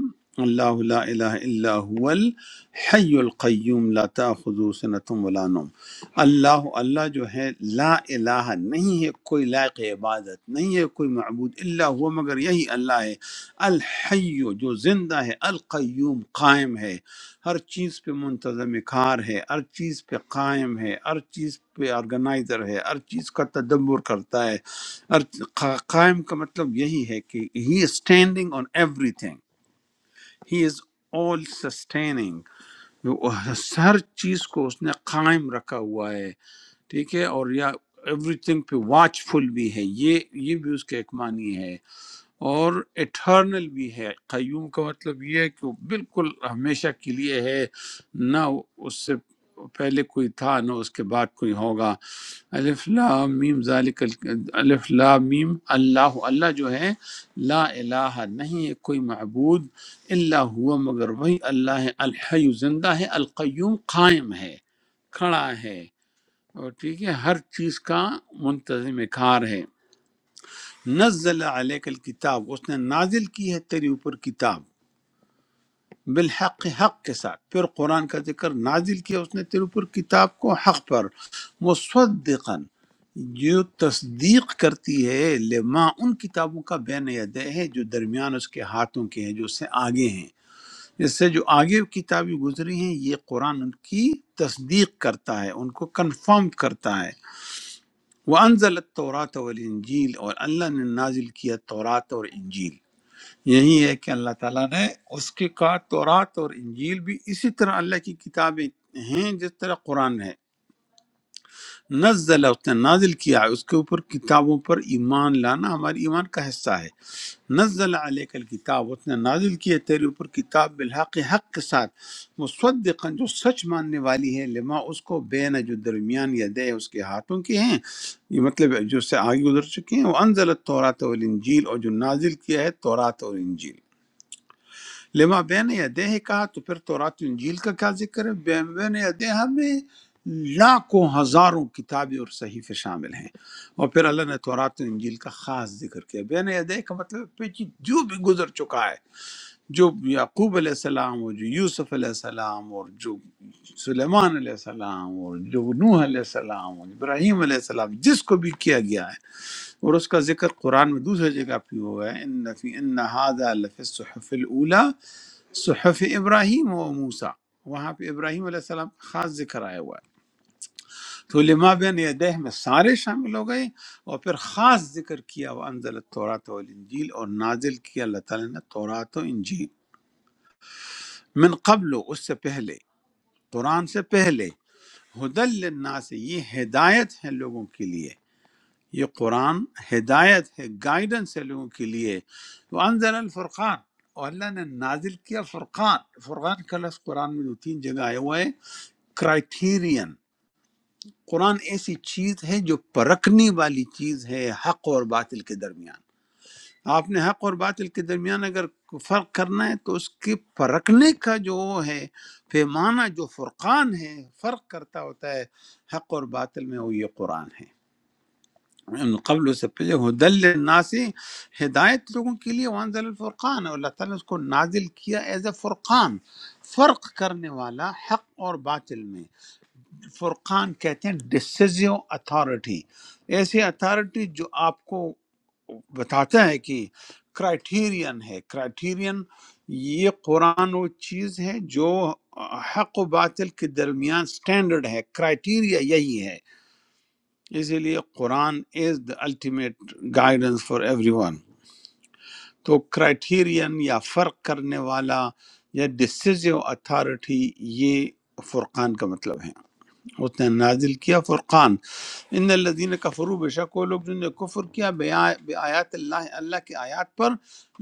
Speaker 1: اللہ لا الہ الا هو الحی القیوم لا تاخذو سنتم ولا نوم اللہ اللہ جو ہے لا الہ نہیں ہے کوئی لائق عبادت نہیں ہے کوئی معبود الا ہوا مگر یہی اللہ ہے الحی جو زندہ ہے القیوم قائم ہے ہر چیز پہ منتظم کار ہے ہر چیز پہ قائم ہے ہر چیز پہ آرگنائزر ہے ہر چیز کا تدبر کرتا ہے ہر قائم کا مطلب یہی ہے کہ he standing on every he is all sustaining ہر چیز کو اس نے قائم رکھا ہوا ہے ٹھیک ہے اور یا ایوری تھنگ پہ واچ فل بھی ہے یہ یہ بھی اس کا ایک معنی ہے اور اٹھرنل بھی ہے قیوم کا مطلب یہ ہے کہ وہ بالکل ہمیشہ کے لیے ہے نہ اس سے پہلے کوئی تھا نہ اس کے بعد کوئی ہوگا الف لام میم ذالک ال- الف لام میم اللہ اللہ جو ہے لا الہ نہیں ہے کوئی معبود الا ہوا مگر وہی اللہ ہے الحی زندہ ہے القیوم قائم ہے کھڑا ہے اور ٹھیک ہے ہر چیز کا منتظم کار ہے نزل علیک الکتاب اس نے نازل کی ہے تیرے اوپر کتاب بالحق حق کے ساتھ پھر قرآن کا ذکر نازل کیا اس نے تیرے اوپر کتاب کو حق پر مصدقاً جو تصدیق کرتی ہے لما ان کتابوں کا بین یدہ ہے جو درمیان اس کے ہاتھوں کے ہیں جو اس سے آگے ہیں اس سے جو آگے کتابیں گزری ہیں یہ قرآن ان کی تصدیق کرتا ہے ان کو کنفرم کرتا ہے وہ انزل التورات والانجیل اور اللہ نے نازل کیا تورات اور انجیل یہی ہے کہ اللہ تعالیٰ نے اس کے کا تورات اور انجیل بھی اسی طرح اللہ کی کتابیں ہیں جس طرح قرآن ہے نزل اس نے نازل کیا ہے اس کے اوپر کتابوں پر ایمان لانا ہمارے ایمان کا حصہ ہے نزل علیک الکتاب اس نے نازل کیا تیرے اوپر کتاب بالحق حق کے ساتھ مصدقا جو سچ ماننے والی ہے لما اس کو بین جو درمیان یدے اس کے ہاتھوں کے ہیں یہ مطلب ہے جو اس سے آگے گزر چکے ہیں وہ انزل التورات والانجیل اور جو نازل کیا ہے تورات اور انجیل لما بین یدہ کا تو پھر تورات و انجیل کا کیا ذکر ہے بین بین یدہ میں لاکھوں ہزاروں کتابیں اور صحیفے شامل ہیں اور پھر اللہ نے تورات و انجیل کا خاص ذکر کیا بین یدہ کا مطلب ہے پیچھے جو بھی گزر چکا ہے جو یعقوب علیہ السلام اور جو یوسف علیہ السلام اور جو سلیمان علیہ السلام اور جو نوح علیہ السلام اور ابراہیم علیہ السلام جس کو بھی کیا گیا ہے اور اس کا ذکر قرآن میں دوسری جگہ پہ ہوا ہے ان فی ان هذا لفی الصحف الاولى صحف ابراہیم و موسیٰ وہاں پہ ابراہیم علیہ السلام کا خاص ذکر آیا ہوا ہے تو لما بین یدہ میں سارے شامل ہو گئے اور پھر خاص ذکر کیا وہ انزل التورات والانجیل اور نازل کیا اللہ تعالیٰ نے تورات و انجیل من قبل اس سے پہلے قرآن سے پہلے ہدل للناس یہ ہدایت ہے لوگوں کے لیے یہ قرآن ہدایت ہے گائیڈنس ہے لوگوں کے لیے انزل الفرقان اور اللہ نے نازل کیا فرقان فرقان کا لفظ قرآن میں دو تین جگہ آیا ہوا ہے کرائٹیرین قرآن ایسی چیز ہے جو پرکھنے والی چیز ہے حق اور باطل کے درمیان آپ نے حق اور باطل کے درمیان اگر فرق کرنا ہے تو اس کے پرکھنے کا جو وہ ہے پیمانہ جو فرقان ہے فرق کرتا ہوتا ہے حق اور باطل میں وہ یہ قرآن ہے من قبل اس سے پہلے ہدل للناس ہدایت لوگوں کے لیے وانزل الفرقان اور اللہ تعالیٰ نے اس کو نازل کیا ایز اے فرقان فرق کرنے والا حق اور باطل میں فرقان کہتے ہیں ڈسیزیو اتھارٹی ایسی اتھارٹی جو آپ کو بتاتا ہے کہ کرائٹیرین ہے کرائٹیرین یہ قرآن وہ چیز ہے جو حق و باطل کے درمیان سٹینڈرڈ ہے کرائٹیریا یہی ہے اسی لیے Quran is the ultimate guidance for everyone تو کرائٹیرین یا فرق کرنے والا یا ڈسیزو اتھارٹی یہ فرقان کا مطلب ہے اس نے نازل کیا فرقان ان الذین کفروا بے شک وہ لوگ جنہوں نے کفر کیا بے آیات اللہ اللہ کی آیات پر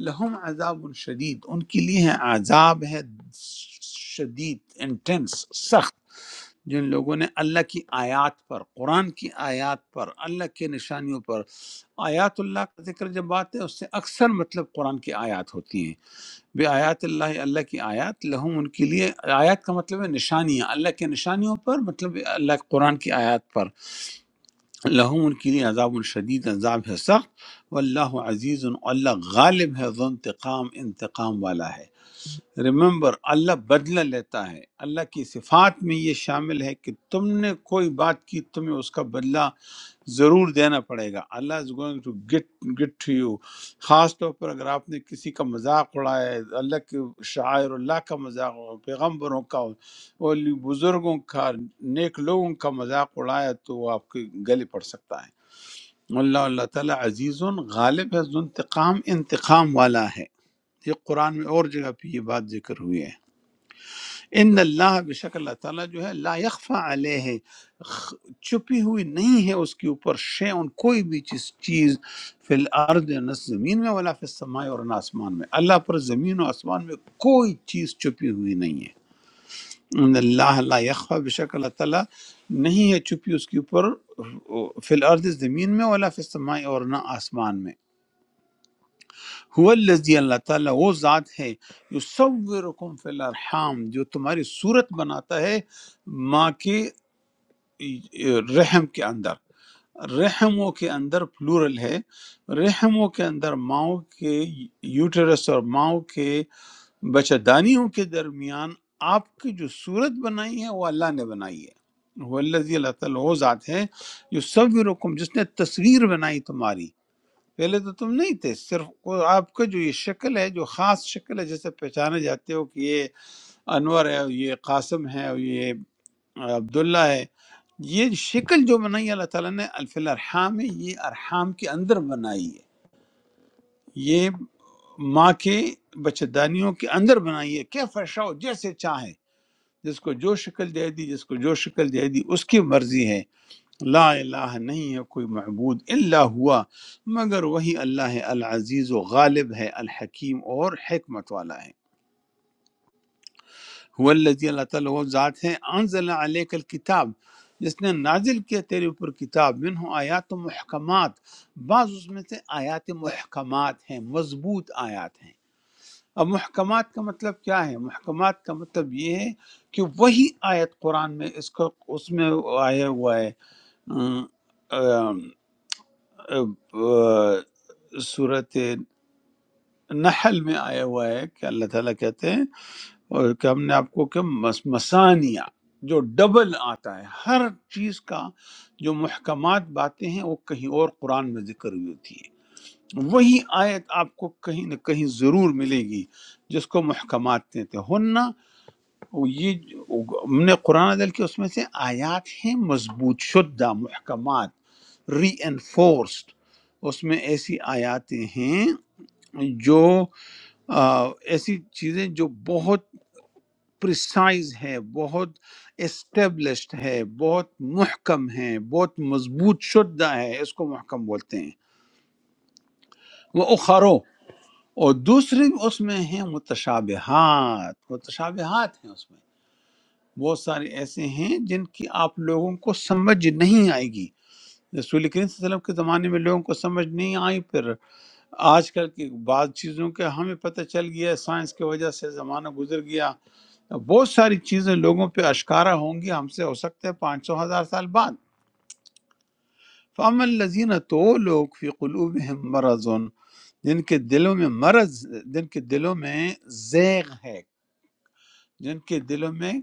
Speaker 1: لہم عذاب شدید ان کے لیے ہے عذاب ہے شدید انٹینس سخت جن لوگوں نے اللہ کی آیات پر قرآن کی آیات پر اللہ کے نشانیوں پر آیات اللہ کا ذکر جب آتا ہے اس سے اکثر مطلب قرآن کی آیات ہوتی ہیں بے آیات اللہ اللہ کی آیات لہم ان کے لیے آیات کا مطلب ہے نشانیاں اللہ کے نشانیوں پر مطلب اللہ قرآن کی آیات پر لهم उनके लिए عذاب شدید عذاب ہے سخت واللہ عزیز اللہ غالب ہے ذو انتقام انتقام والا ہے ریممبر اللہ بدلہ لیتا ہے اللہ کی صفات میں یہ شامل ہے کہ تم نے کوئی بات کی تمہیں اس کا بدلہ ضرور دینا پڑے گا Allah is going to get get to you خاص طور پر اگر آپ نے کسی کا مذاق اڑایا ہے اللہ کے شاعر اللہ کا مذاق ہو پیغمبروں کا اولی بزرگوں کا نیک لوگوں کا مذاق اڑایا تو وہ آپ کے گلے پڑ سکتا ہے اللہ اللہ تعالیٰ عزیز غالب ہے ذو انتقام انتقام والا ہے یہ قرآن میں اور جگہ پہ یہ بات ذکر ہوئی ہے ان اللہ بے شک اللہ تعالیٰ جو ہے لا یخفا علیہ ہے خ- چھپی ہوئی نہیں ہے اس کے اوپر شے، ان کوئی بھی چیز چیز فی الارض نہ زمین میں ولا فی السماء اور نہ آسمان میں اللہ پر زمین و آسمان میں کوئی چیز چھپی ہوئی نہیں ہے ان اللہ لا یخفا بے شک اللہ تعالیٰ نہیں ہے چھپی اس کے اوپر فی الارض زمین میں ولا فی السماء اور نہ آسمان میں هو الذی اللہ تعالیٰ وہ ذات ہے یصورکم فی الارحام جو تمہاری صورت بناتا ہے ماں کے رحم کے اندر رحموں کے اندر پلورل ہے رحموں کے اندر ماؤں کے یوٹرس اور ماؤں کے بچہ دانیوں کے درمیان آپ کی جو صورت بنائی ہے وہ اللہ نے بنائی ہے وہ اللہ اللہ تعالیٰ وہ ذات ہے جو یصورکم، جس نے تصویر بنائی تمہاری پہلے تو تم نہیں تھے صرف کو- آپ کا جو یہ شکل ہے جو خاص شکل ہے جسے پہچانے جاتے ہو کہ یہ انور ہے اور یہ قاسم ہے اور یہ عبداللہ ہے یہ شکل جو بنائی اللہ تعالیٰ نے الف الارحام ہے یہ ارحام کے اندر بنائی ہے یہ ماں کے بچہ دانیوں کے اندر بنائی ہے کیا فرشا ہو جیسے چاہے جس کو جو شکل دے دی جس کو جو شکل دے دی اس کی مرضی ہے لا الہ نہیں ہے کوئی معبود الا ہوا مگر وہی اللہ ہے العزیز و غالب ہے الحکیم اور حکمت والا ہے هو الذی اللہ تعالی وہ ذات ہے انزل علیک الکتاب جس نے نازل کیا تیرے اوپر کتاب منہ آیات و محکمات بعض اس میں سے آیات محکمات ہیں مضبوط آیات ہیں اب محکمات کا مطلب کیا ہے محکمات کا مطلب یہ ہے کہ وہی آیت قرآن میں اس کو اس میں آیا ہوا ہے صورت نحل میں آیا ہوا ہے کہ اللہ تعالیٰ کہتے ہیں اور کہ ہم نے آپ کو کہ مس- مسانیہ جو ڈبل آتا ہے ہر چیز کا جو محکمات باتیں ہیں وہ کہیں اور قرآن میں ذکر ہوئی ہوتی ہے وہی آیت آپ کو کہیں نہ کہیں ضرور ملے گی جس کو محکمات کہتے ہیں ہن وہ یہ ہم نے قرآن عدل کے اس میں سے آیات ہیں مضبوط شدہ محکمات ری انفورسڈ اس میں ایسی آیاتیں ہیں جو آ، ایسی چیزیں جو بہت پریسائز ہے بہت اسٹیبلشڈ ہے بہت محکم ہے بہت مضبوط شدہ ہے اس کو محکم بولتے ہیں وہ اخرو اور دوسری اس میں ہیں متشابہات متشابہات ہیں اس میں بہت سارے ایسے ہیں جن کی آپ لوگوں کو سمجھ نہیں آئے گی رسول کریم صلی اللہ علیہ وسلم کے زمانے میں لوگوں کو سمجھ نہیں آئی پھر آج کل کی بعض چیزوں کے ہمیں پتہ چل گیا ہے، سائنس کی وجہ سے زمانہ گزر گیا بہت ساری چیزیں لوگوں پہ اشکارا ہوں گی ہم سے ہو سکتے ہیں پانچ سو ہزار سال بعد فَأَمَّا الَّذِينَ تو لوگ فی قلوبہم مرضن جن کے دلوں میں مرض جن کے دلوں میں زیغ ہے جن کے دلوں میں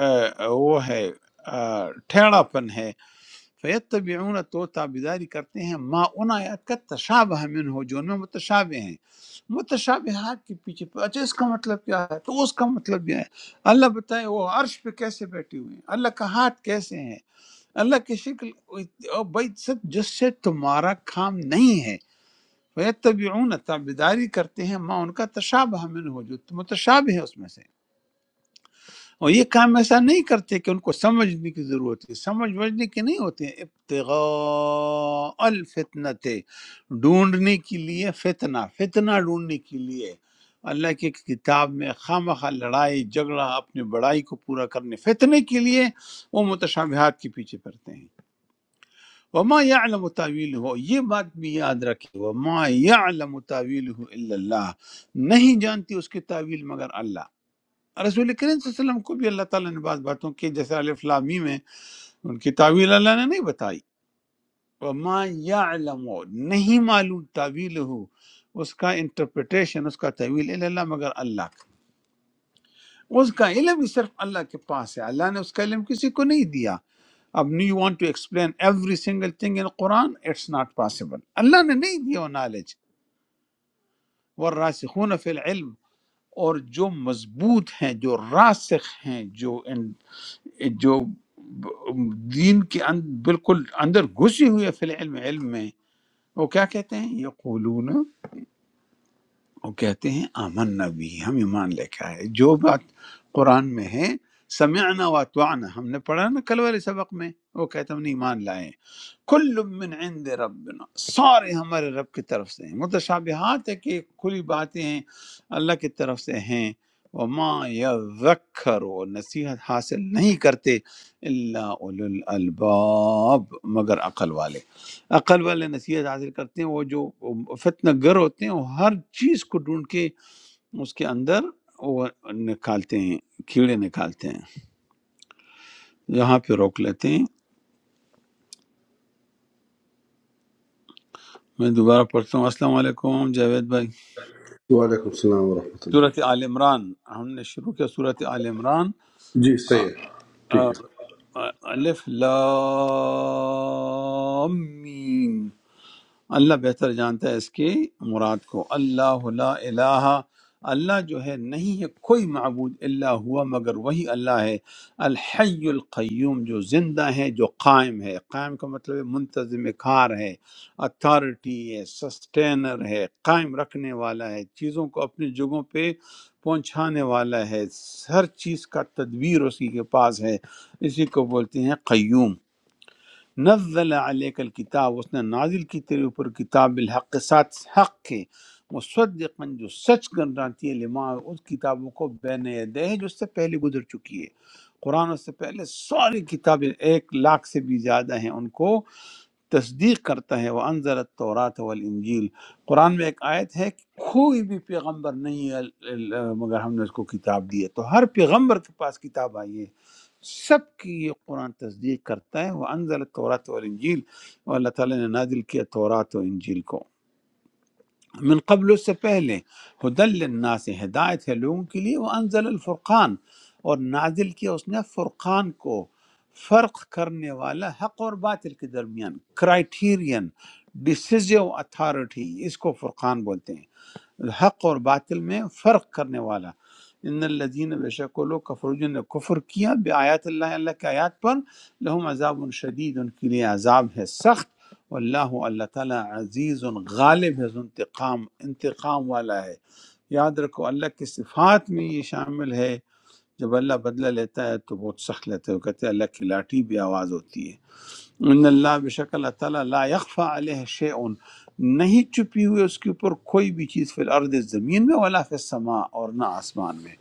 Speaker 1: آ، وہ ہے آ، ٹھیڑا پن ہے فیتبعون تو تابیداری کرتے ہیں ما ان آیات کا تشابہ من ہو جو ان میں متشابہ ہیں متشابہات کے پیچھے پڑ- اچھا اس کا مطلب کیا ہے تو اس کا مطلب یہ ہے اللہ بتائے وہ عرش پہ کیسے بیٹھے ہوئے ہیں اللہ کا ہاتھ کیسے ہے اللہ کی شکل اور بھائی سب جس سے تمہارا کام نہیں ہے فیتبعون تابیداری کرتے ہیں ما ان کا تشابہ من ہو جو متشابہ ہے اس میں سے اور یہ کام ایسا نہیں کرتے کہ ان کو سمجھنے کی ضرورت ہے سمجھ بجنے کی نہیں ہوتے ہیں ابتغاء الفتنت ڈھونڈنے کے لیے فتنہ فتنہ ڈھونڈنے کے لیے اللہ کی کتاب میں خامخواہ لڑائی جھگڑا اپنے بڑائی کو پورا کرنے فتنے کے لیے وہ متشابہات کے پیچھے پڑتے ہیں وما یعلم تعویلہ ہو یہ بات بھی یاد رکھے وما یعلم تعویلہ الا اللہ نہیں جانتی اس کی تعویل مگر اللہ رسول کریم صلی اللہ علیہ وسلم کو بھی اللہ تعالیٰ نے بعض باتوں کی جیسے الف لامی میں ان کی تعویل اللہ نے نہیں بتائی وما یعلم نہیں معلوم تعویل ہو اس کا انٹرپریٹیشن اس کا تعویل الا اللہ مگر اللہ کا اس کا علم ہی صرف اللہ کے پاس ہے اللہ نے اس کا علم کسی کو نہیں دیا اب now you want to explain every single thing in Quran it's not possible اللہ نے نہیں دیا وہ نالج وراسخون فی العلم اور جو مضبوط ہیں جو راسخ ہیں جو ان جو دین کے ان بالکل اندر گھسی ہوئی ہے فی العلم علم میں وہ کیا کہتے ہیں یقولون وہ کہتے ہیں آمن نبی ہم ایمان لے کے آئے جو بات قرآن میں ہے سمعنا واتوانا ہم نے پڑھا نا کل والے سبق میں وہ کہتے ہیں ہم نے ایمان لائے کل من عند ربنا سارے ہمارے رب کی طرف سے ہیں متشابہات ہے کہ کھلی باتیں ہیں اللہ کی طرف سے ہیں وما یذکر و نصیحت حاصل نہیں کرتے الا اولو الالباب مگر عقل والے عقل والے نصیحت حاصل کرتے ہیں وہ جو فتنہ گر ہوتے ہیں وہ ہر چیز کو ڈھونڈ کے اس کے اندر وہ نکالتے ہیں کیڑے نکالتے ہیں یہاں پہ روک لیتے ہیں میں دوبارہ پڑھتا ہوں السلام علیکم جاوید بھائی
Speaker 9: وعلیکم السلام ورحمۃ اللہ
Speaker 1: صورت آل عمران ہم نے شروع کیا صورت آل عمران
Speaker 9: جی صحیح ہے
Speaker 1: آ،
Speaker 9: ٹھیک ہے
Speaker 1: آ، الف لام میم اللہ بہتر جانتا ہے اس کی مراد کو اللہ لا الہ اللہ جو ہے نہیں ہے کوئی معبود اللہ ہوا مگر وہی اللہ ہے الحی القیوم جو زندہ ہے جو قائم ہے قائم کا مطلب ہے منتظم کار ہے اتھارٹی ہے سسٹینر ہے قائم رکھنے والا ہے چیزوں کو اپنی جگہوں پہ پہنچانے والا ہے ہر چیز کا تدبیر اسی کے پاس ہے اسی کو بولتے ہیں قیوم نزل علیک الکتاب اس نے نازل کی تیرے اوپر کتاب الحق کے ساتھ حق کے مصدقا جو سچ کر جاتی ہے لما اس کتابوں کو بین یدہ ہے جو اس سے پہلے گزر چکی ہے قرآن اس سے پہلے ساری کتابیں ایک لاکھ سے بھی زیادہ ہیں ان کو تصدیق کرتا ہے وہ انضر التورات والانجیل قرآن میں ایک آیت ہے کہ کوئی بھی پیغمبر نہیں ہے ال- ال- مگر ہم نے اس کو کتاب دی ہے تو ہر پیغمبر کے پاس کتاب آئی ہے سب کی یہ قرآن تصدیق کرتا ہے وہ انزل التوراۃ والانجیل اور اللہ تعالیٰ نے نازل کیا تورات و انجیل کو من قبل اس سے پہلے ہدل للناس ہدایت ہے لوگوں کے لیے وہ انزل الفرقان اور نازل کیا اس نے فرقان کو فرق کرنے والا حق اور باطل کے درمیان کرائٹیرین ڈسیزو اتھارٹی اس کو فرقان بولتے ہیں حق اور باطل میں فرق کرنے والا ان الذین بے شک وہ لوگ کفر جن نے کفر کیا بے آیات اللہ اللہ کے آیات پر لہم عذاب شدید ان کے لیے عذاب ہے سخت واللہ اللہ تعالیٰ عزیز غالب ہے ذو انتقام انتقام والا ہے یاد رکھو اللہ کی صفات میں یہ شامل ہے جب اللہ بدلہ لیتا ہے تو بہت سخت لیتا ہے وہ کہتے ہیں اللہ کی لاٹھی بھی آواز ہوتی ہے ان اللہ بے شک اللہ تعالیٰ لا یخفى علیہ شیء نہیں چھپی ہوئی اس کے اوپر کوئی بھی چیز فی الارض زمین میں ولا فی السماء اور نہ آسمان میں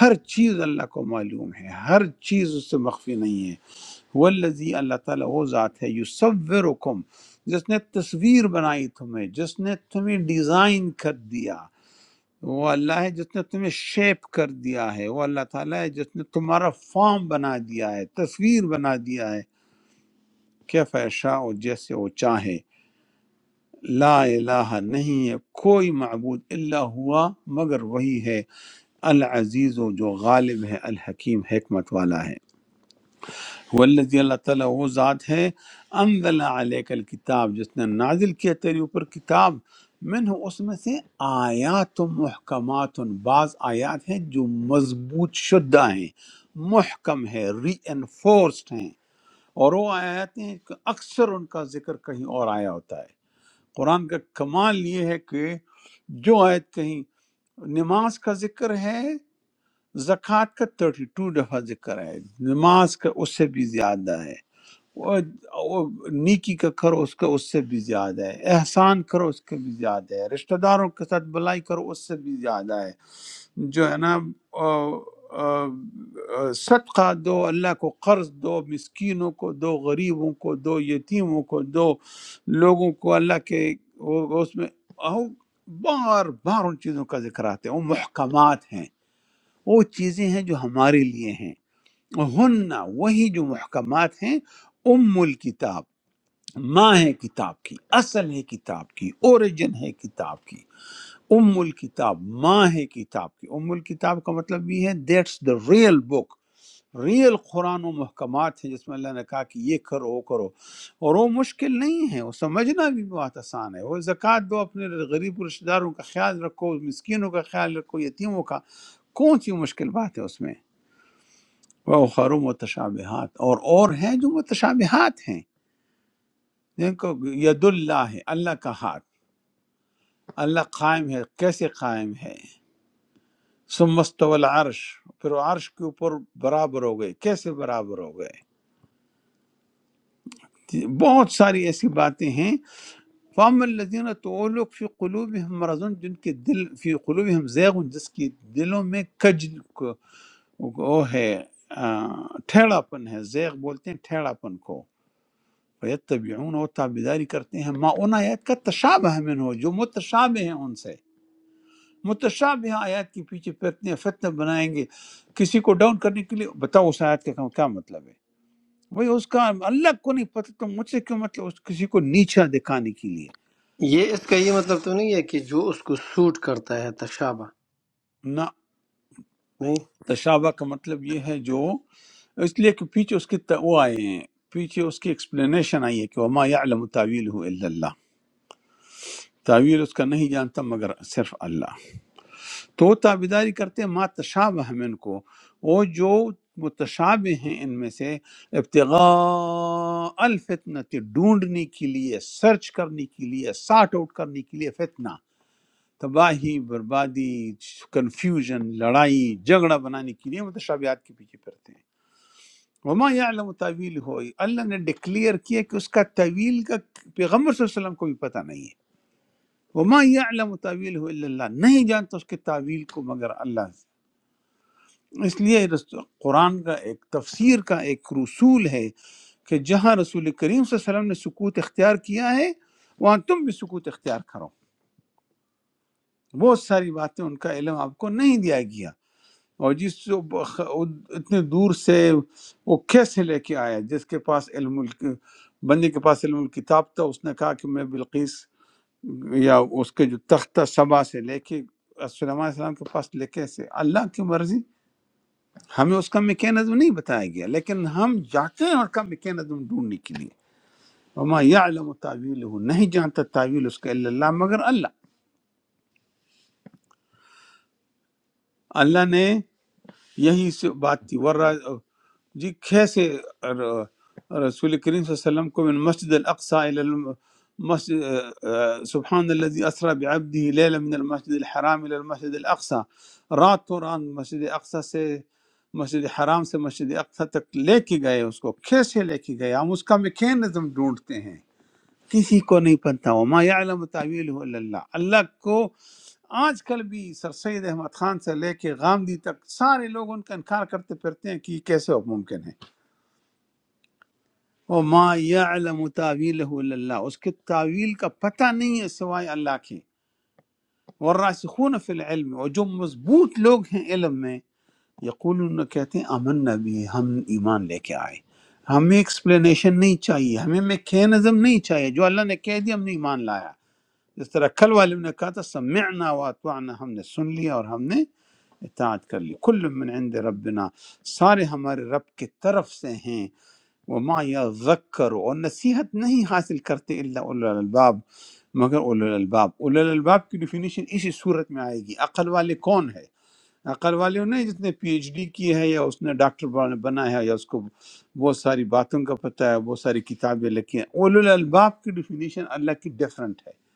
Speaker 1: ہر چیز اللہ کو معلوم ہے ہر چیز اس سے مخفی نہیں ہے والذی اللہ تعالیٰ وہ ذات ہے یصورکم جس نے تصویر بنائی تمہیں جس نے تمہیں ڈیزائن کر دیا وہ اللہ ہے جس نے تمہیں شیپ کر دیا ہے وہ اللہ تعالیٰ ہے جس نے تمہارا فارم بنا دیا ہے تصویر بنا دیا ہے کیف یشاء جیسے وہ چاہے لا الہ نہیں ہے کوئی معبود الا ہوا مگر وہی ہے العزیز و جو غالب ہے الحکیم حکمت والا ہے والذی اللہ تعالیٰ وہ ذات ہے انزل علیک الکتاب جس نے نازل کیا تیرے اوپر کتاب منہ اس میں سے آیات محکمات بعض آیات ہیں جو مضبوط شدہ ہیں محکم ہے ری انفورسڈ ہیں اور وہ آیات ہیں کہ اکثر ان کا ذکر کہیں اور آیا ہوتا ہے قرآن کا کمال یہ ہے کہ جو آیت کہیں نماز کا ذکر ہے زکوٰۃ کا 32 دفعہ ذکر ہے نماز کا اس سے بھی زیادہ ہے اور اور نیکی کا کرو اس کا اس سے بھی زیادہ ہے احسان کرو اس کا بھی زیادہ ہے رشتہ داروں کے ساتھ بلائی کرو اس سے بھی زیادہ ہے جو ہے نا آ، آ، آ، صدقہ دو اللہ کو قرض دو مسکینوں کو دو غریبوں کو دو یتیموں کو دو لوگوں کو اللہ کے وہ- اس میں آؤ، بار بار ان چیزوں کا ذکر آتے ہیں وہ محکمات ہیں وہ چیزیں ہیں جو ہمارے لیے ہیں ہن وہی جو محکمات ہیں ام الکتاب ماں ہے کتاب کی اصل ہے کتاب کی اوریجن ہے کتاب کی ام الکتاب ماں ہے کتاب کی ام الکتاب کا مطلب یہ ہے that's the real book real Quran و محکمات ہیں جس میں اللہ نے کہا کہ یہ کرو وہ کرو اور وہ مشکل نہیں ہے وہ سمجھنا بھی بہت آسان ہے وہ زکوٰۃ دو اپنے غریب رشتہ داروں کا خیال رکھو مسکینوں کا خیال رکھو یتیموں کا کون سی مشکل بات ہے اس میں وہ خرو متشابہات اور اور ہیں جو متشابہات ہیں جن کو ید اللہ ہے اللہ کا ہاتھ اللہ قائم ہے کیسے قائم ہے ثم استوی العرش پھر وہ عرش کے اوپر برابر ہو گئے کیسے برابر ہو گئے بہت ساری ایسی باتیں ہیں فام الذین تو وہ لوگ فی قلوبہم مرض جن کے دل فی قلوبہم زیغ جس کی دلوں میں کج وہ ہے آ، ٹھیڑا پن ہے زیغ بولتے ہیں ٹھیڑا پن کو فیتبعون وہ تابعداری کرتے ہیں ما ان آیات کا تشابہ من ہو جو متشابہ ہیں ان سے متشابہ آیات کے پیچھے فتنے فتنہ بنائیں گے کسی کو ڈاؤن کرنے کے لیے بتاؤ اس آیت کا کیا مطلب ہے بھئی اس کا اللہ کو نہیں پتہ تو مجھ سے کیوں مطلب اس کسی کو نیچا دکھانے کے لیے
Speaker 6: یہ اس کا یہ مطلب تو نہیں ہے کہ جو اس کو سوٹ کرتا ہے تشابہ
Speaker 1: نہ
Speaker 6: نہیں
Speaker 1: تشابہ کا مطلب یہ ہے جو اس لیے کہ پیچھے اس کے تا- وہ آئے ہیں پیچھے اس کی ایکسپلینیشن آئی ہے کہ وما یعلم تعویلہ الا اللہ تعویل اس کا نہیں جانتا مگر صرف اللہ تو وہ تابیداری کرتے ہیں ما تشابہ من کو وہ جو متشابہ ہیں ان میں سے ابتغاء الفتنہ ڈھونڈنے کے لیے سرچ کرنے کے لیے سارٹ آؤٹ کرنے کے لیے فتنہ تباہی بربادی کنفیوژن لڑائی جھگڑا بنانے کے لیے متشابہات کے پیچھے پھرتے ہیں وما یعلم تعویل ہو اللہ نے ڈکلیئر کیا کہ اس کا تعویل کا پیغمبر صلی اللہ علیہ وسلم کو بھی پتہ نہیں ہے وما یعلم تعویل ہو اللہ نہیں جانتا اس کے تعویل کو مگر اللہ اس لیے رس- قرآن کا ایک تفسیر کا ایک رسول ہے کہ جہاں رسول کریم صلی اللہ علیہ وسلم نے سکوت اختیار کیا ہے وہاں تم بھی سکوت اختیار کرو بہت ساری باتیں ان کا علم آپ کو نہیں دیا گیا اور جس جو بخ- اتنے دور سے وہ کیسے لے کے آیا جس کے پاس علم ال- بندے کے پاس علم الکتاب تھا اس نے کہا کہ میں بلقیس یا اس کے جو تختہ سبا سے لے کے سلیمان علیہ السلام کے پاس لے کے سے اللہ کی مرضی ہمیں اس کا میکینزم نہیں بتایا گیا لیکن ہم جاتے ہیں اس کا میکینزم ڈھونڈنے کے لیے وما یعلم تعویلہ نہیں جانتا تعویل اس کا الا اللہ مگر اللہ اللہ نے یہی سے بات تھی ورہ جی کیسے ر- رسول کریم صلی اللہ علیہ وسلم کو من مسجد الاقصى الى المسجد سبحان الذي اسرى بعبده ليلا من المسجد الحرام الى المسجد الاقصى رات تو رات مسجد اقصى سے مسجد حرام سے مسجد اقصی تک لے کے گئے اس کو کیسے لے کے گئے ہم اس کا میکینزم ڈھونڈتے ہیں کسی کو نہیں پتہ وما یعلم تعویلہ الا اللہ اللہ کو آج کل بھی سر سید احمد خان سے لے کے غامدی تک سارے لوگ ان کا انکار کرتے پھرتے ہیں کہ یہ کیسے ممکن ہے وما یعلم تعویلہ الا اللہ اس کے تعویل کا پتہ نہیں ہے سوائے اللہ کے والراسخون فی العلم اور جو مضبوط لوگ ہیں علم میں یقولون کہتے ہیں امن نبی ہم ایمان لے کے آئے ہمیں ایکسپلینیشن نہیں چاہیے ہمیں میکینزم نہیں چاہیے جو اللہ نے کہہ دیا ہم نے ایمان لایا جس طرح کل والے نے کہا تھا سمعنا واتوانا ہم نے سن لیا اور ہم نے اطاعت کر لی کل من عند ربنا سارے ہمارے رب کی طرف سے ہیں وما یذکر اور نصیحت نہیں حاصل کرتے الا اولو الالباب مگر اولو الالباب اولو الالباب کی ڈیفینیشن اسی صورت میں آئے گی عقل والے کون ہے عقل والے وہ نہیں جس نے پی ایچ ڈی کی ہے یا اس نے ڈاکٹر بنا بنا ہے یا اس کو بہت ساری باتوں کا پتہ ہے بہت ساری کتابیں لکھی ہیں اولو الالباب کی ڈیفینیشن اللہ کی ڈیفرنٹ ہے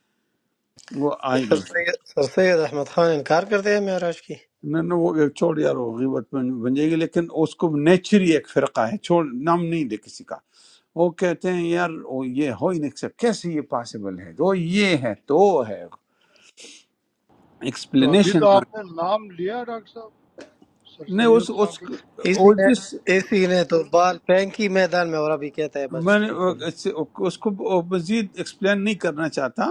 Speaker 1: وہ آئے
Speaker 6: سر
Speaker 1: گی
Speaker 6: سید سر سید احمد خان انکار کرتے ہیں معراج کی
Speaker 1: نہ نہ وہ چھوڑ یار وہ غیبت بن بن جائے گی لیکن اس کو نیچری ایک فرقہ ہے چھوڑ نام نہیں دے کسی کا وہ کہتے ہیں یار وہ یہ ہو ہی نہیں سکتا کیسے یہ پاسبل ہے وہ یہ ہے تو وہ ہے
Speaker 5: تو ابھی
Speaker 1: ایکسپلینیشن
Speaker 5: تو آپ نے نام لیا ہے ڈاکٹر صاحب سر
Speaker 1: نہیں اس
Speaker 5: سید صاحب
Speaker 1: اس
Speaker 5: کا
Speaker 6: اسی
Speaker 1: وہ
Speaker 6: نے
Speaker 1: جس
Speaker 6: اسی نے تو بال پینکی میدان میں اور ابھی کہتا ہے بس
Speaker 1: میں نے
Speaker 6: چپ ہو جاؤ
Speaker 1: اس اس کو مزید ایکسپلین نہیں کرنا چاہتا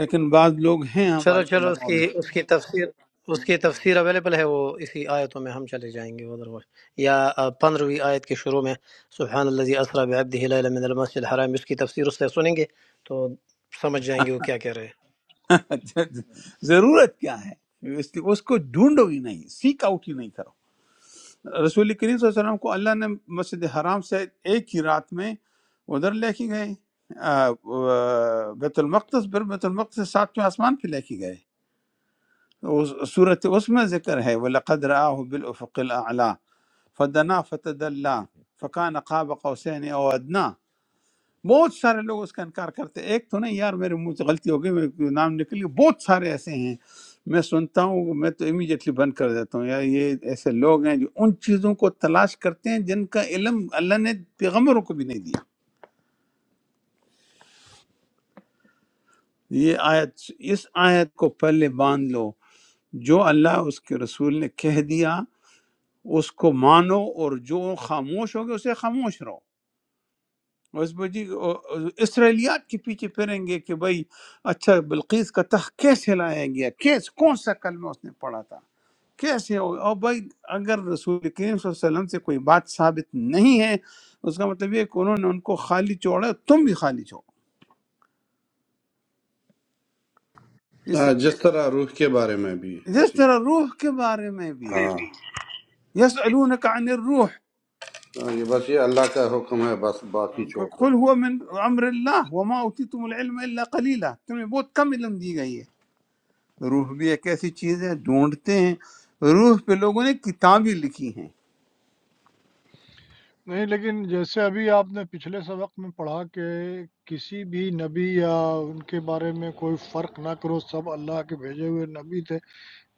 Speaker 1: لیکن بعض لوگ ہیں
Speaker 6: چلو
Speaker 1: ہمارے
Speaker 6: چلو اس
Speaker 1: علماء
Speaker 6: کی
Speaker 1: میں
Speaker 6: اس کی تفسیر اس کی تفسیر اویلیبل ہے وہ اسی آیتوں میں ہم چلے جائیں گے ادھر وہ یا پندرہویں آیت کے شروع میں سبحان الذي اسرا بعبده ليلا من المسجد الحرام اس کی تفسیر اس سے سنیں گے تو سمجھ جائیں گے وہ کیا کہہ رہے ہیں
Speaker 1: ضرورت کیا ہے اس کی، اس کو ڈھونڈو ہی نہیں سیک آؤٹ ہی نہیں رسول کریم صلی اللہ علیہ وسلم کو اللہ نے مسجد حرام سے ایک ہی رات میں ادھر لے کے گئے آ، آ، بیت المقدس پھر بیت المقدس سے ساتویں آسمان پہ لے کے گئے اس صورت اس میں ذکر ہے وَلَقَدْ رَآهُ بِالْأُفُقِ الْأَعْلَى فَدَنَا فَتَدَلَّا فَكَانَ قَابَ قَوْسَيْنِ أَوْ أَدْنَى بہت سارے لوگ اس کا انکار کرتے ہیں ایک تو نہیں یار میرے منہ سے غلطی ہو گئی میرے کو نام نکل گیا بہت سارے ایسے ہیں میں سنتا ہوں میں تو امیجیٹلی بند کر دیتا ہوں یار یہ ایسے لوگ ہیں جو ان چیزوں کو تلاش کرتے ہیں جن کا علم اللہ نے پیغمبروں کو بھی نہیں دیا یہ آیت اس آیت کو پہلے باندھ لو جو اللہ اس کے رسول نے کہہ دیا اس کو مانو اور جو خاموش ہو گئے اسے خاموش رہو اس پہ جی او- او- اسرائیلیات کے پیچھے پھریں گے کہ بھائی اچھا بلقیس کا تخت کیسے لایا گیا کیس کون سا کلمہ اس نے پڑھا تھا کیسے ہو اور بھائی اگر رسول کریم صلی اللہ علیہ وسلم سے کوئی بات ثابت نہیں ہے اس کا مطلب یہ ہے کہ انہوں نے ان کو خالی چھوڑا تم بھی خالی چھوڑو اس
Speaker 9: ہاں، جس طرح روح کے بارے میں بھی
Speaker 1: جس
Speaker 9: ایسی
Speaker 1: طرح روح کے بارے میں بھی
Speaker 9: ہاں
Speaker 1: یسألونک عن الروح
Speaker 9: ہاں، یہ بس یہ اللہ کا حکم ہے بس باقی چھوڑ دو
Speaker 1: قل هو من امر اللہ وما اوتیتم العلم الا قلیلا تمہیں بہت کم علم دی گئی ہے روح بھی ایک ایسی چیز ہے ڈھونڈتے ہیں روح پہ لوگوں نے کتابیں لکھی ہیں
Speaker 5: نہیں لیکن جیسے ابھی آپ نے پچھلے سبق میں پڑھا کہ کسی بھی نبی یا ان کے بارے میں کوئی فرق نہ کرو سب اللہ کے بھیجے ہوئے نبی تھے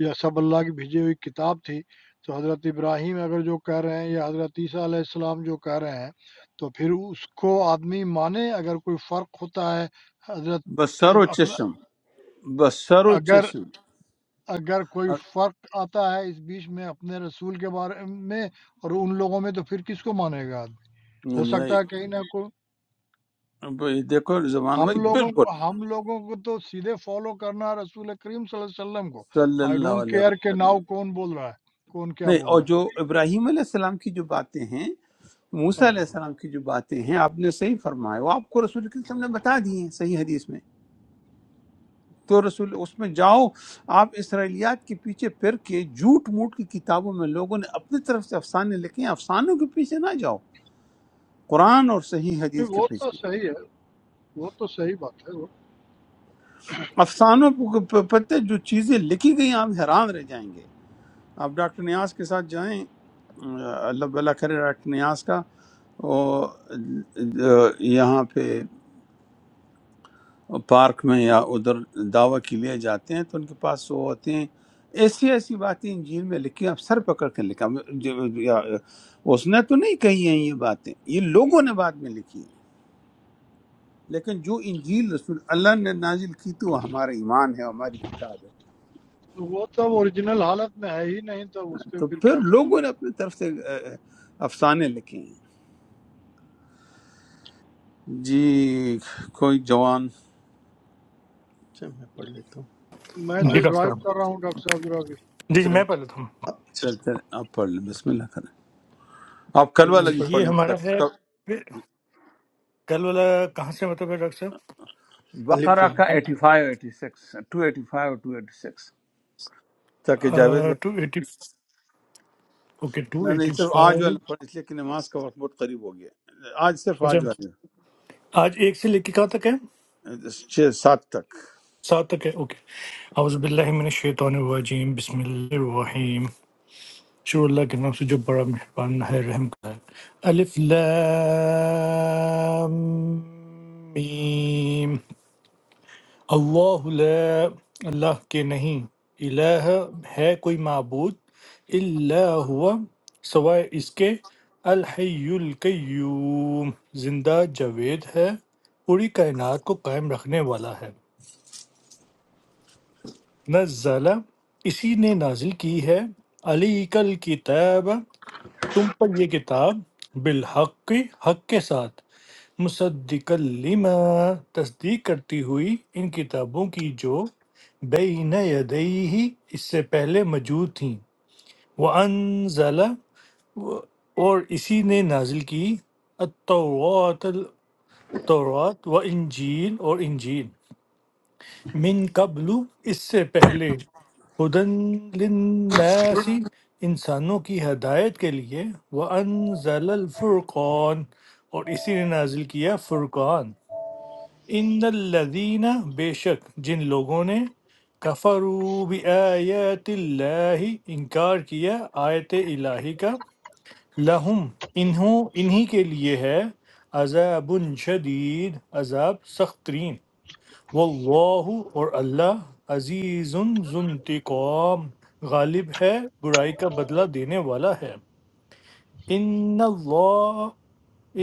Speaker 5: یا سب اللہ کی بھیجی ہوئی کتاب تھی تو حضرت ابراہیم اگر جو کہہ رہے ہیں یا حضرت عیسیٰ علیہ السلام جو کہہ رہے ہیں تو پھر اس کو آدمی مانے اگر کوئی فرق ہوتا ہے حضرت
Speaker 1: بسر و
Speaker 5: اپنا
Speaker 1: چشم بسر و
Speaker 5: اگر
Speaker 1: چشم
Speaker 5: اگر کوئی
Speaker 1: اب-
Speaker 5: فرق آتا ہے اس بیچ میں اپنے رسول کے بارے میں اور ان لوگوں میں تو پھر کس کو مانے گا آدمی ہو
Speaker 1: نہیں،
Speaker 5: سکتا ہے کہیں نہ کوئی
Speaker 1: اب یہ دیکھو زبان
Speaker 5: ہم
Speaker 1: بھائی
Speaker 5: لوگوں کو
Speaker 1: بالکل
Speaker 5: ہم لوگوں کو تو سیدھے فالو کرنا ہے رسول کریم صلی اللہ علیہ وسلم کو
Speaker 1: صلی
Speaker 5: آئی
Speaker 1: اللہ
Speaker 5: ڈونٹ
Speaker 1: علیہ
Speaker 5: کیئر کہ
Speaker 1: وسلم
Speaker 5: ناؤ کون بول رہا ہے کون کیا
Speaker 1: نہیں
Speaker 5: بول
Speaker 1: اور
Speaker 5: رہا
Speaker 1: جو
Speaker 5: ہے
Speaker 1: ابراہیم علیہ السلام کی جو باتیں ہیں
Speaker 5: ہاں۔
Speaker 1: موسیٰ علیہ السلام کی جو باتیں ہیں آپ نے صحیح فرمایا وہ آپ کو رسول کریم صلی اللہ علیہ وسلم نے بتا دی ہیں صحیح حدیث میں تو رسول اس میں جاؤ آپ اسرائیلیات کے پیچھے پھر کے جھوٹ موٹ کی کتابوں میں لوگوں نے اپنی طرف سے افسانے لکھے ہیں افسانوں کے پیچھے نہ جاؤ قرآن اور صحیح
Speaker 5: نہیں،
Speaker 1: حدیث کے
Speaker 5: وہ تو
Speaker 1: پیچھے
Speaker 5: صحیح ہے وہ تو صحیح بات ہے وہ
Speaker 1: افسانوں پ- پ- پتہ ہے، جو چیزیں لکھی گئی ہیں، آپ حیران رہ جائیں گے آپ ڈاکٹر نیاز کے ساتھ جائیں اللہ بلا کرے ڈاکٹر نیاز کا اور یہاں پہ پارک میں یا ادھر دعویٰ کے لیے جاتے ہیں تو ان کے پاس وہ ہوتے ہیں ایسی ایسی باتیں انجیل میں لکھی ہیں، آپ سر پکڑ کے لکھا جو- یا اس نے تو نہیں کہی ہیں یہ باتیں یہ لوگوں نے بعد میں لکھی ہیں لیکن جو انجیل رسول اللہ نے نازل کی تو وہ ہمارا ایمان ہے ہماری کتاب ہے
Speaker 5: وہ تب اوریجنل حالت میں ہے ہی نہیں تو اس پہ
Speaker 1: تو
Speaker 5: پھر
Speaker 1: پھر
Speaker 5: کیا کرنا
Speaker 1: لوگوں نے اپنی طرف سے اے، افسانے لکھے ہیں جی کوئی جوان
Speaker 4: اچھا میں پڑھ لیتا ہوں
Speaker 5: میں تو
Speaker 8: جی
Speaker 4: آل-
Speaker 8: ڈاکٹر
Speaker 5: ڈرائیو
Speaker 8: صاحب
Speaker 5: کر رہا ہوں ڈاکٹر صاحب ذرا بھی
Speaker 8: جی جی
Speaker 1: چل
Speaker 8: میں پڑھ لیتا ہوں
Speaker 1: چل چل آپ پڑھ لیں بسم اللہ کریں آپ کل والا
Speaker 4: میں
Speaker 8: اچھا
Speaker 1: بھی
Speaker 4: پڑھ
Speaker 1: پڑھ
Speaker 8: یہ ہمارا ہے
Speaker 1: لیں
Speaker 8: پھر- کل والا کہاں سے مطلب ہے ڈاکٹر صاحب
Speaker 4: الف
Speaker 1: بقرہ
Speaker 4: لام
Speaker 1: کا eighty five eighty six two eighty five اور ٹو ایٹی سکس تاکہ جاوید
Speaker 8: ٹو
Speaker 1: بھائی
Speaker 8: ایٹی اوکے ٹو
Speaker 1: نہ نہیں
Speaker 8: ایٹی
Speaker 1: صرف آج
Speaker 8: فائیو
Speaker 1: والا پڑھ اس لیے کہ نماز کا وقت بہت قریب ہو گیا ہے۔ آج صرف
Speaker 8: اچھا
Speaker 1: آج والے
Speaker 8: آج ایک سے لے کے کہاں تک ہے
Speaker 1: چھ سات تک
Speaker 8: سات تک ہے اوکے اعوذ باللہ من الشیطان الرجیم بسم اللہ الرحیم شروع اللہ کے نام سے جو بڑا مہربان ہے رحم کا ہے الف لام میم اللہ لا اللہ کے نہیں الہ ہے کوئی معبود الا ہوا سوائے اس کے الحی القیوم زندہ جاوید ہے پوری کائنات کو قائم رکھنے والا ہے نزل اسی نے نازل کی ہے علی کل کتاب تم پر یہ کتاب بالحق حق کے ساتھ مصدق لما تصدیق کرتی ہوئی ان کتابوں کی جو بین یدیہ اس سے پہلے موجود تھیں وانزل اور اسی نے نازل کی التورات التورات و انجیل اور انجیل من قبل اس سے پہلے ہدن للناس انسانوں کی ہدایت کے لیے وانزل الفرقان اور اسی نے نازل کیا فرقان ان الذین بے شک جن لوگوں نے کفروا بآیات اللہ انکار کیا آیت الہی کا لہم انہوں انہی کے لیے ہے عذاب شدید عذاب سخت ترین واللہ اور اللہ عزیز ذو انتقام غالب ہے برائی کا بدلہ دینے والا ہے ان اللہ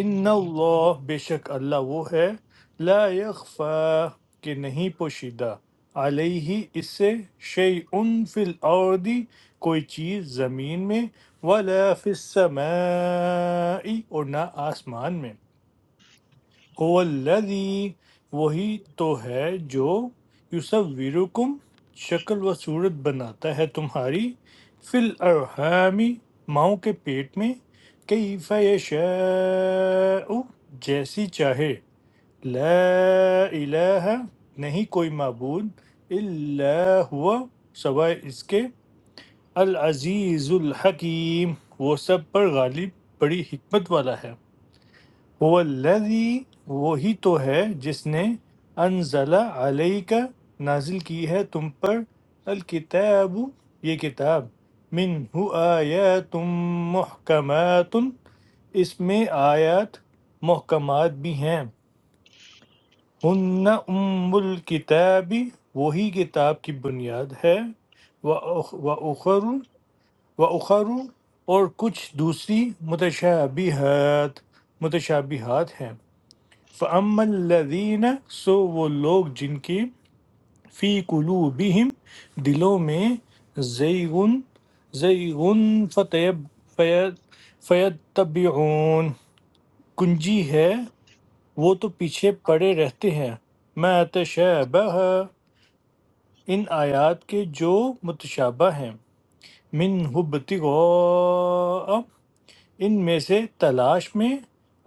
Speaker 8: ان اللہ بے شک اللہ وہ ہے لا یخفا کہ نہیں پوشیدہ علیہ اس سے شیء فی الارض کوئی چیز زمین میں ولا فی السماء اور نہ آسمان میں هو الذی وہی تو ہے جو یصورکم شکل و صورت بناتا ہے تمہاری فی الارحام ماؤں کے پیٹ میں کیف یشاء جیسی چاہے لا الہ نہیں کوئی معبود الا ہوا سوائے اس کے العزیز الحکیم وہ سب پر غالب بڑی حکمت والا ہے هو الذی وہی تو ہے جس نے انزل علیک نازل کی ہے تم پر الکتاب یہ کتاب منہ آیات محکمات اس میں آیات محکمات بھی ہیں ہن ام الکتاب وہی کتاب کی بنیاد ہے و اخر و اخر اور کچھ دوسری متشابہات متشابہات ہیں فَأَمَّا الَّذِينَ سو وہ لوگ جن کی فی قلوبہم دلوں میں زیغن زیغن فطیب فیتبعون کنجی ہے وہ تو پیچھے پڑے رہتے ہیں ما تشابہ ان آیات کے جو متشابہ ہیں من ہب ان میں سے تلاش میں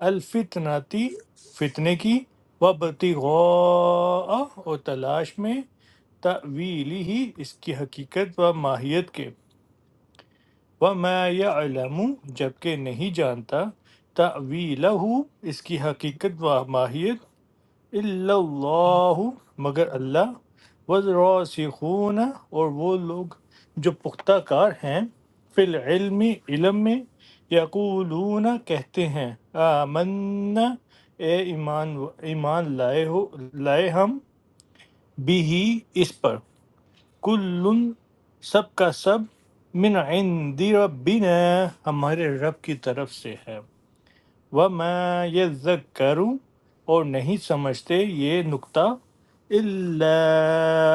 Speaker 8: الفتنتی فتنے کی و بتغاء اور تلاش میں تعویلی ہی اس کی حقیقت و ماہیت کے وما یعلم جبکہ نہیں جانتا تعویلہ اس کی حقیقت و ماہیت الا اللہ مگر اللہ والراسخون اور وہ لوگ جو پختہ کار ہیں فی العلم علم میں یقولون کہتے ہیں آمنا اے ایمان ایمان لائے ہو لائے ہم بھی اس پر کل سب کا سب من عند ربنا ہمارے رب کی طرف سے ہے وَمَا يَذَّكَّرُ اور نہیں سمجھتے یہ نقطہ إِلَّا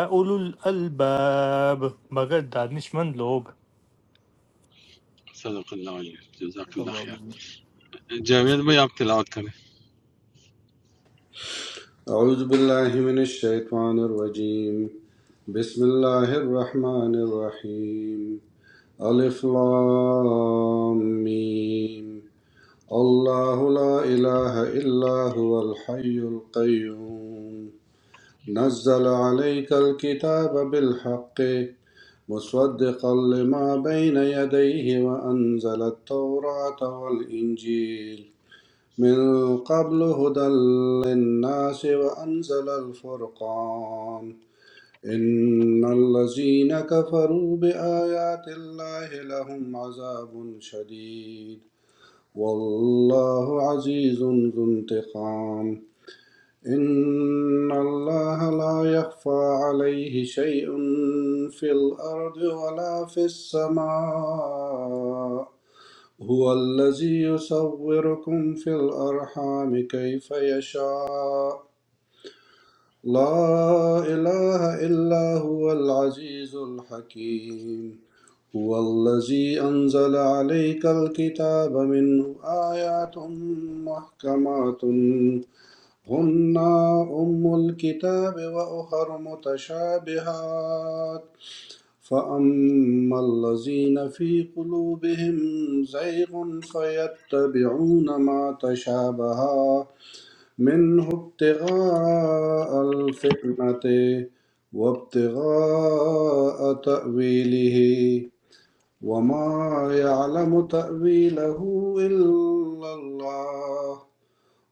Speaker 8: أُولُو الْأَلْبَابِ مگر دانشمند لوگ
Speaker 9: اعوذ باللہ من الشیطان الرجیم بسم اللہ الرحمن الرحیم الف لام میم اللہ لا الہ الا هو الحی القیوم نزل عليك الكتاب بالحق مصدقا لما بين يديه وأنزل التوراة والإنجيل من قبل هدى للناس وأنزل الفرقان إن الذين كفروا بآيات الله لهم عذاب شديد والله عزيز ذو انتقام إن الله لا يخفى عليه شيء في الأرض ولا في السماء هو الذي يصوركم في الأرحام كيف يشاء لا إله إلا هو العزيز الحكيم هو الذي أنزل عليك الكتاب منه آيات محكمات هن أم الكتاب وأخر متشابهات فأما الذين في قلوبهم زيغ فيتبعون ما تشابه منه ابتغاء الفتنة وابتغاء تأويله وما يعلم تأويله إلا الله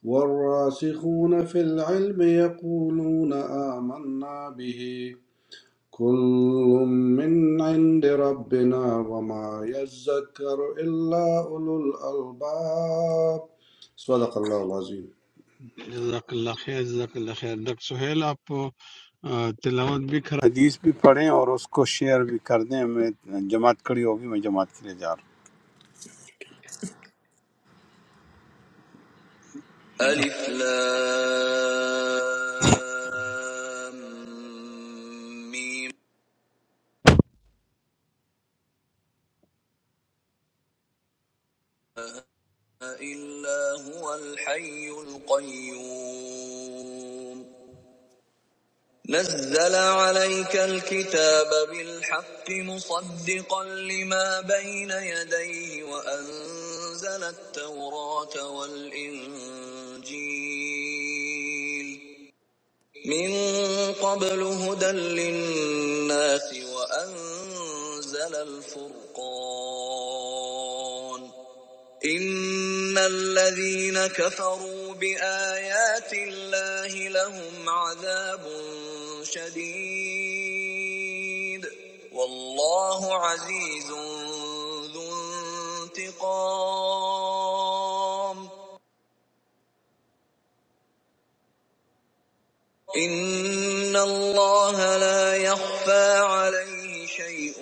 Speaker 9: والراسخون في العلم يقولون آمنا به كل من عند ربنا وما يذكر إلا أولو الألباب صدق الله العظيم
Speaker 1: اللہ خیر جزاک اللہ خیر ڈاکٹر سہیل آپ آ، تلاوت بھی کرا حدیث بھی پڑھیں اور اس کو شیئر بھی کر دیں میں جماعت کڑی ہوگی میں جماعت کے لیے جا رہا ہوں
Speaker 4: ألف لام ميم إلا هو الحي القيوم نزل عليك الكتاب بالحق مصدقا لما بين يديه وأنزل التوراة والإنجيل من قبل هدى للناس وأنزل الفرقان إن الذين كفروا بآيات الله لهم عذاب شديد والله عزيز ذو انتقام إن الله لا يخفى عليه شيء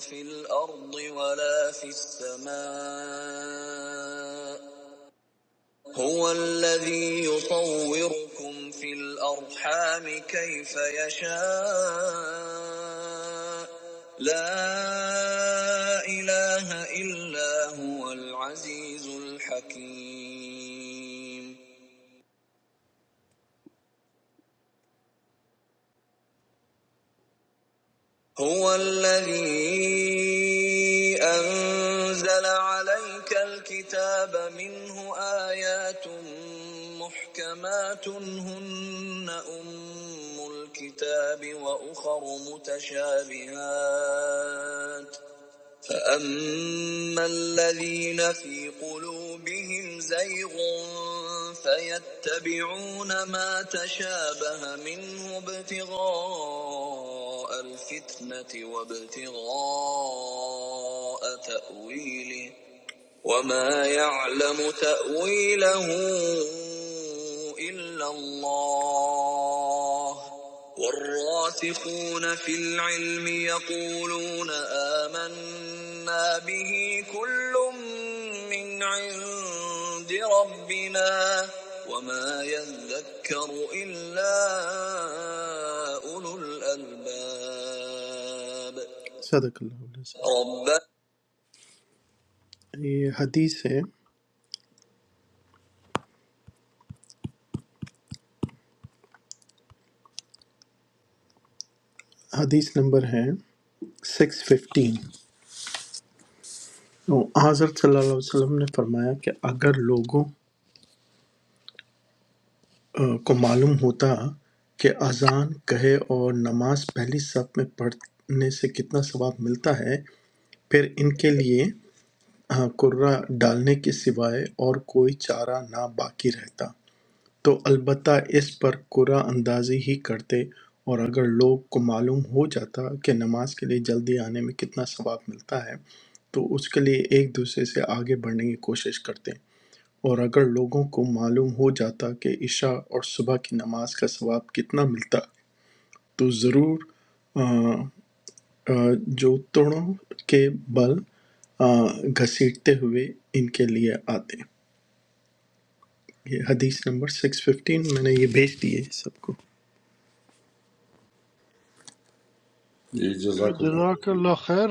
Speaker 4: في الأرض ولا في السماء هو الذي يطوركم في الأرحام كيف يشاء لا إله إلا هو العزيز الحكيم هو الذي أنزل عليك الكتاب منه آيات محكمات هن أم الكتاب وأخر متشابهات فأما الذين في قلوبهم زيغ فيتبعون ما تشابه منه ابتغاء الفتنة وابتغاء تأويله وما يعلم تأويله إلا الله والراسخون في العلم يقولون آمنا به كل من عند ربنا وما يذكر إلا أولو الألباب صدق الله العظيم رب ये हदीस है حدیث نمبر ہے سکس ففٹین حضرت صلی اللہ علیہ وسلم نے فرمایا کہ اگر لوگوں آ، کو معلوم ہوتا کہ اذان کہے اور نماز پہلی صف میں پڑھنے سے کتنا ثواب ملتا ہے پھر ان کے لیے آ، کرہ ڈالنے کے سوائے اور کوئی چارہ نہ باقی رہتا تو البتہ اس پر قرعہ اندازی ہی کرتے اور اگر لوگ کو معلوم ہو جاتا کہ نماز کے لیے جلدی آنے میں کتنا ثواب ملتا ہے تو اس کے لیے ایک دوسرے سے آگے بڑھنے کی کوشش کرتے اور اگر لوگوں کو معلوم ہو جاتا کہ عشاء اور صبح کی نماز کا ثواب کتنا ملتا تو ضرور آ، آ، جو توڑوں کے بل آ، گھسیٹتے ہوئے ان کے لیے آتے یہ حدیث نمبر 615 میں نے یہ بھیج دی ہے سب کو
Speaker 5: کہ
Speaker 9: جزاك الله
Speaker 5: جزاک اللہ خیر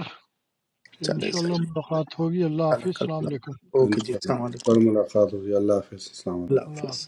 Speaker 5: کہ
Speaker 4: چلے صحیح
Speaker 5: انشاءاللہ ملاقات ہوگی
Speaker 4: جزاک
Speaker 5: اللہ حافظ
Speaker 4: اللہ کا
Speaker 5: السلام
Speaker 4: بھلا۔
Speaker 5: علیکم
Speaker 9: إن
Speaker 4: اوکے جی
Speaker 9: شاء الله
Speaker 4: السلام علیکم
Speaker 9: فالملاقات يا الله حافظ السلام عليكم
Speaker 4: اللہ
Speaker 5: اللہ حافظ
Speaker 4: حافظ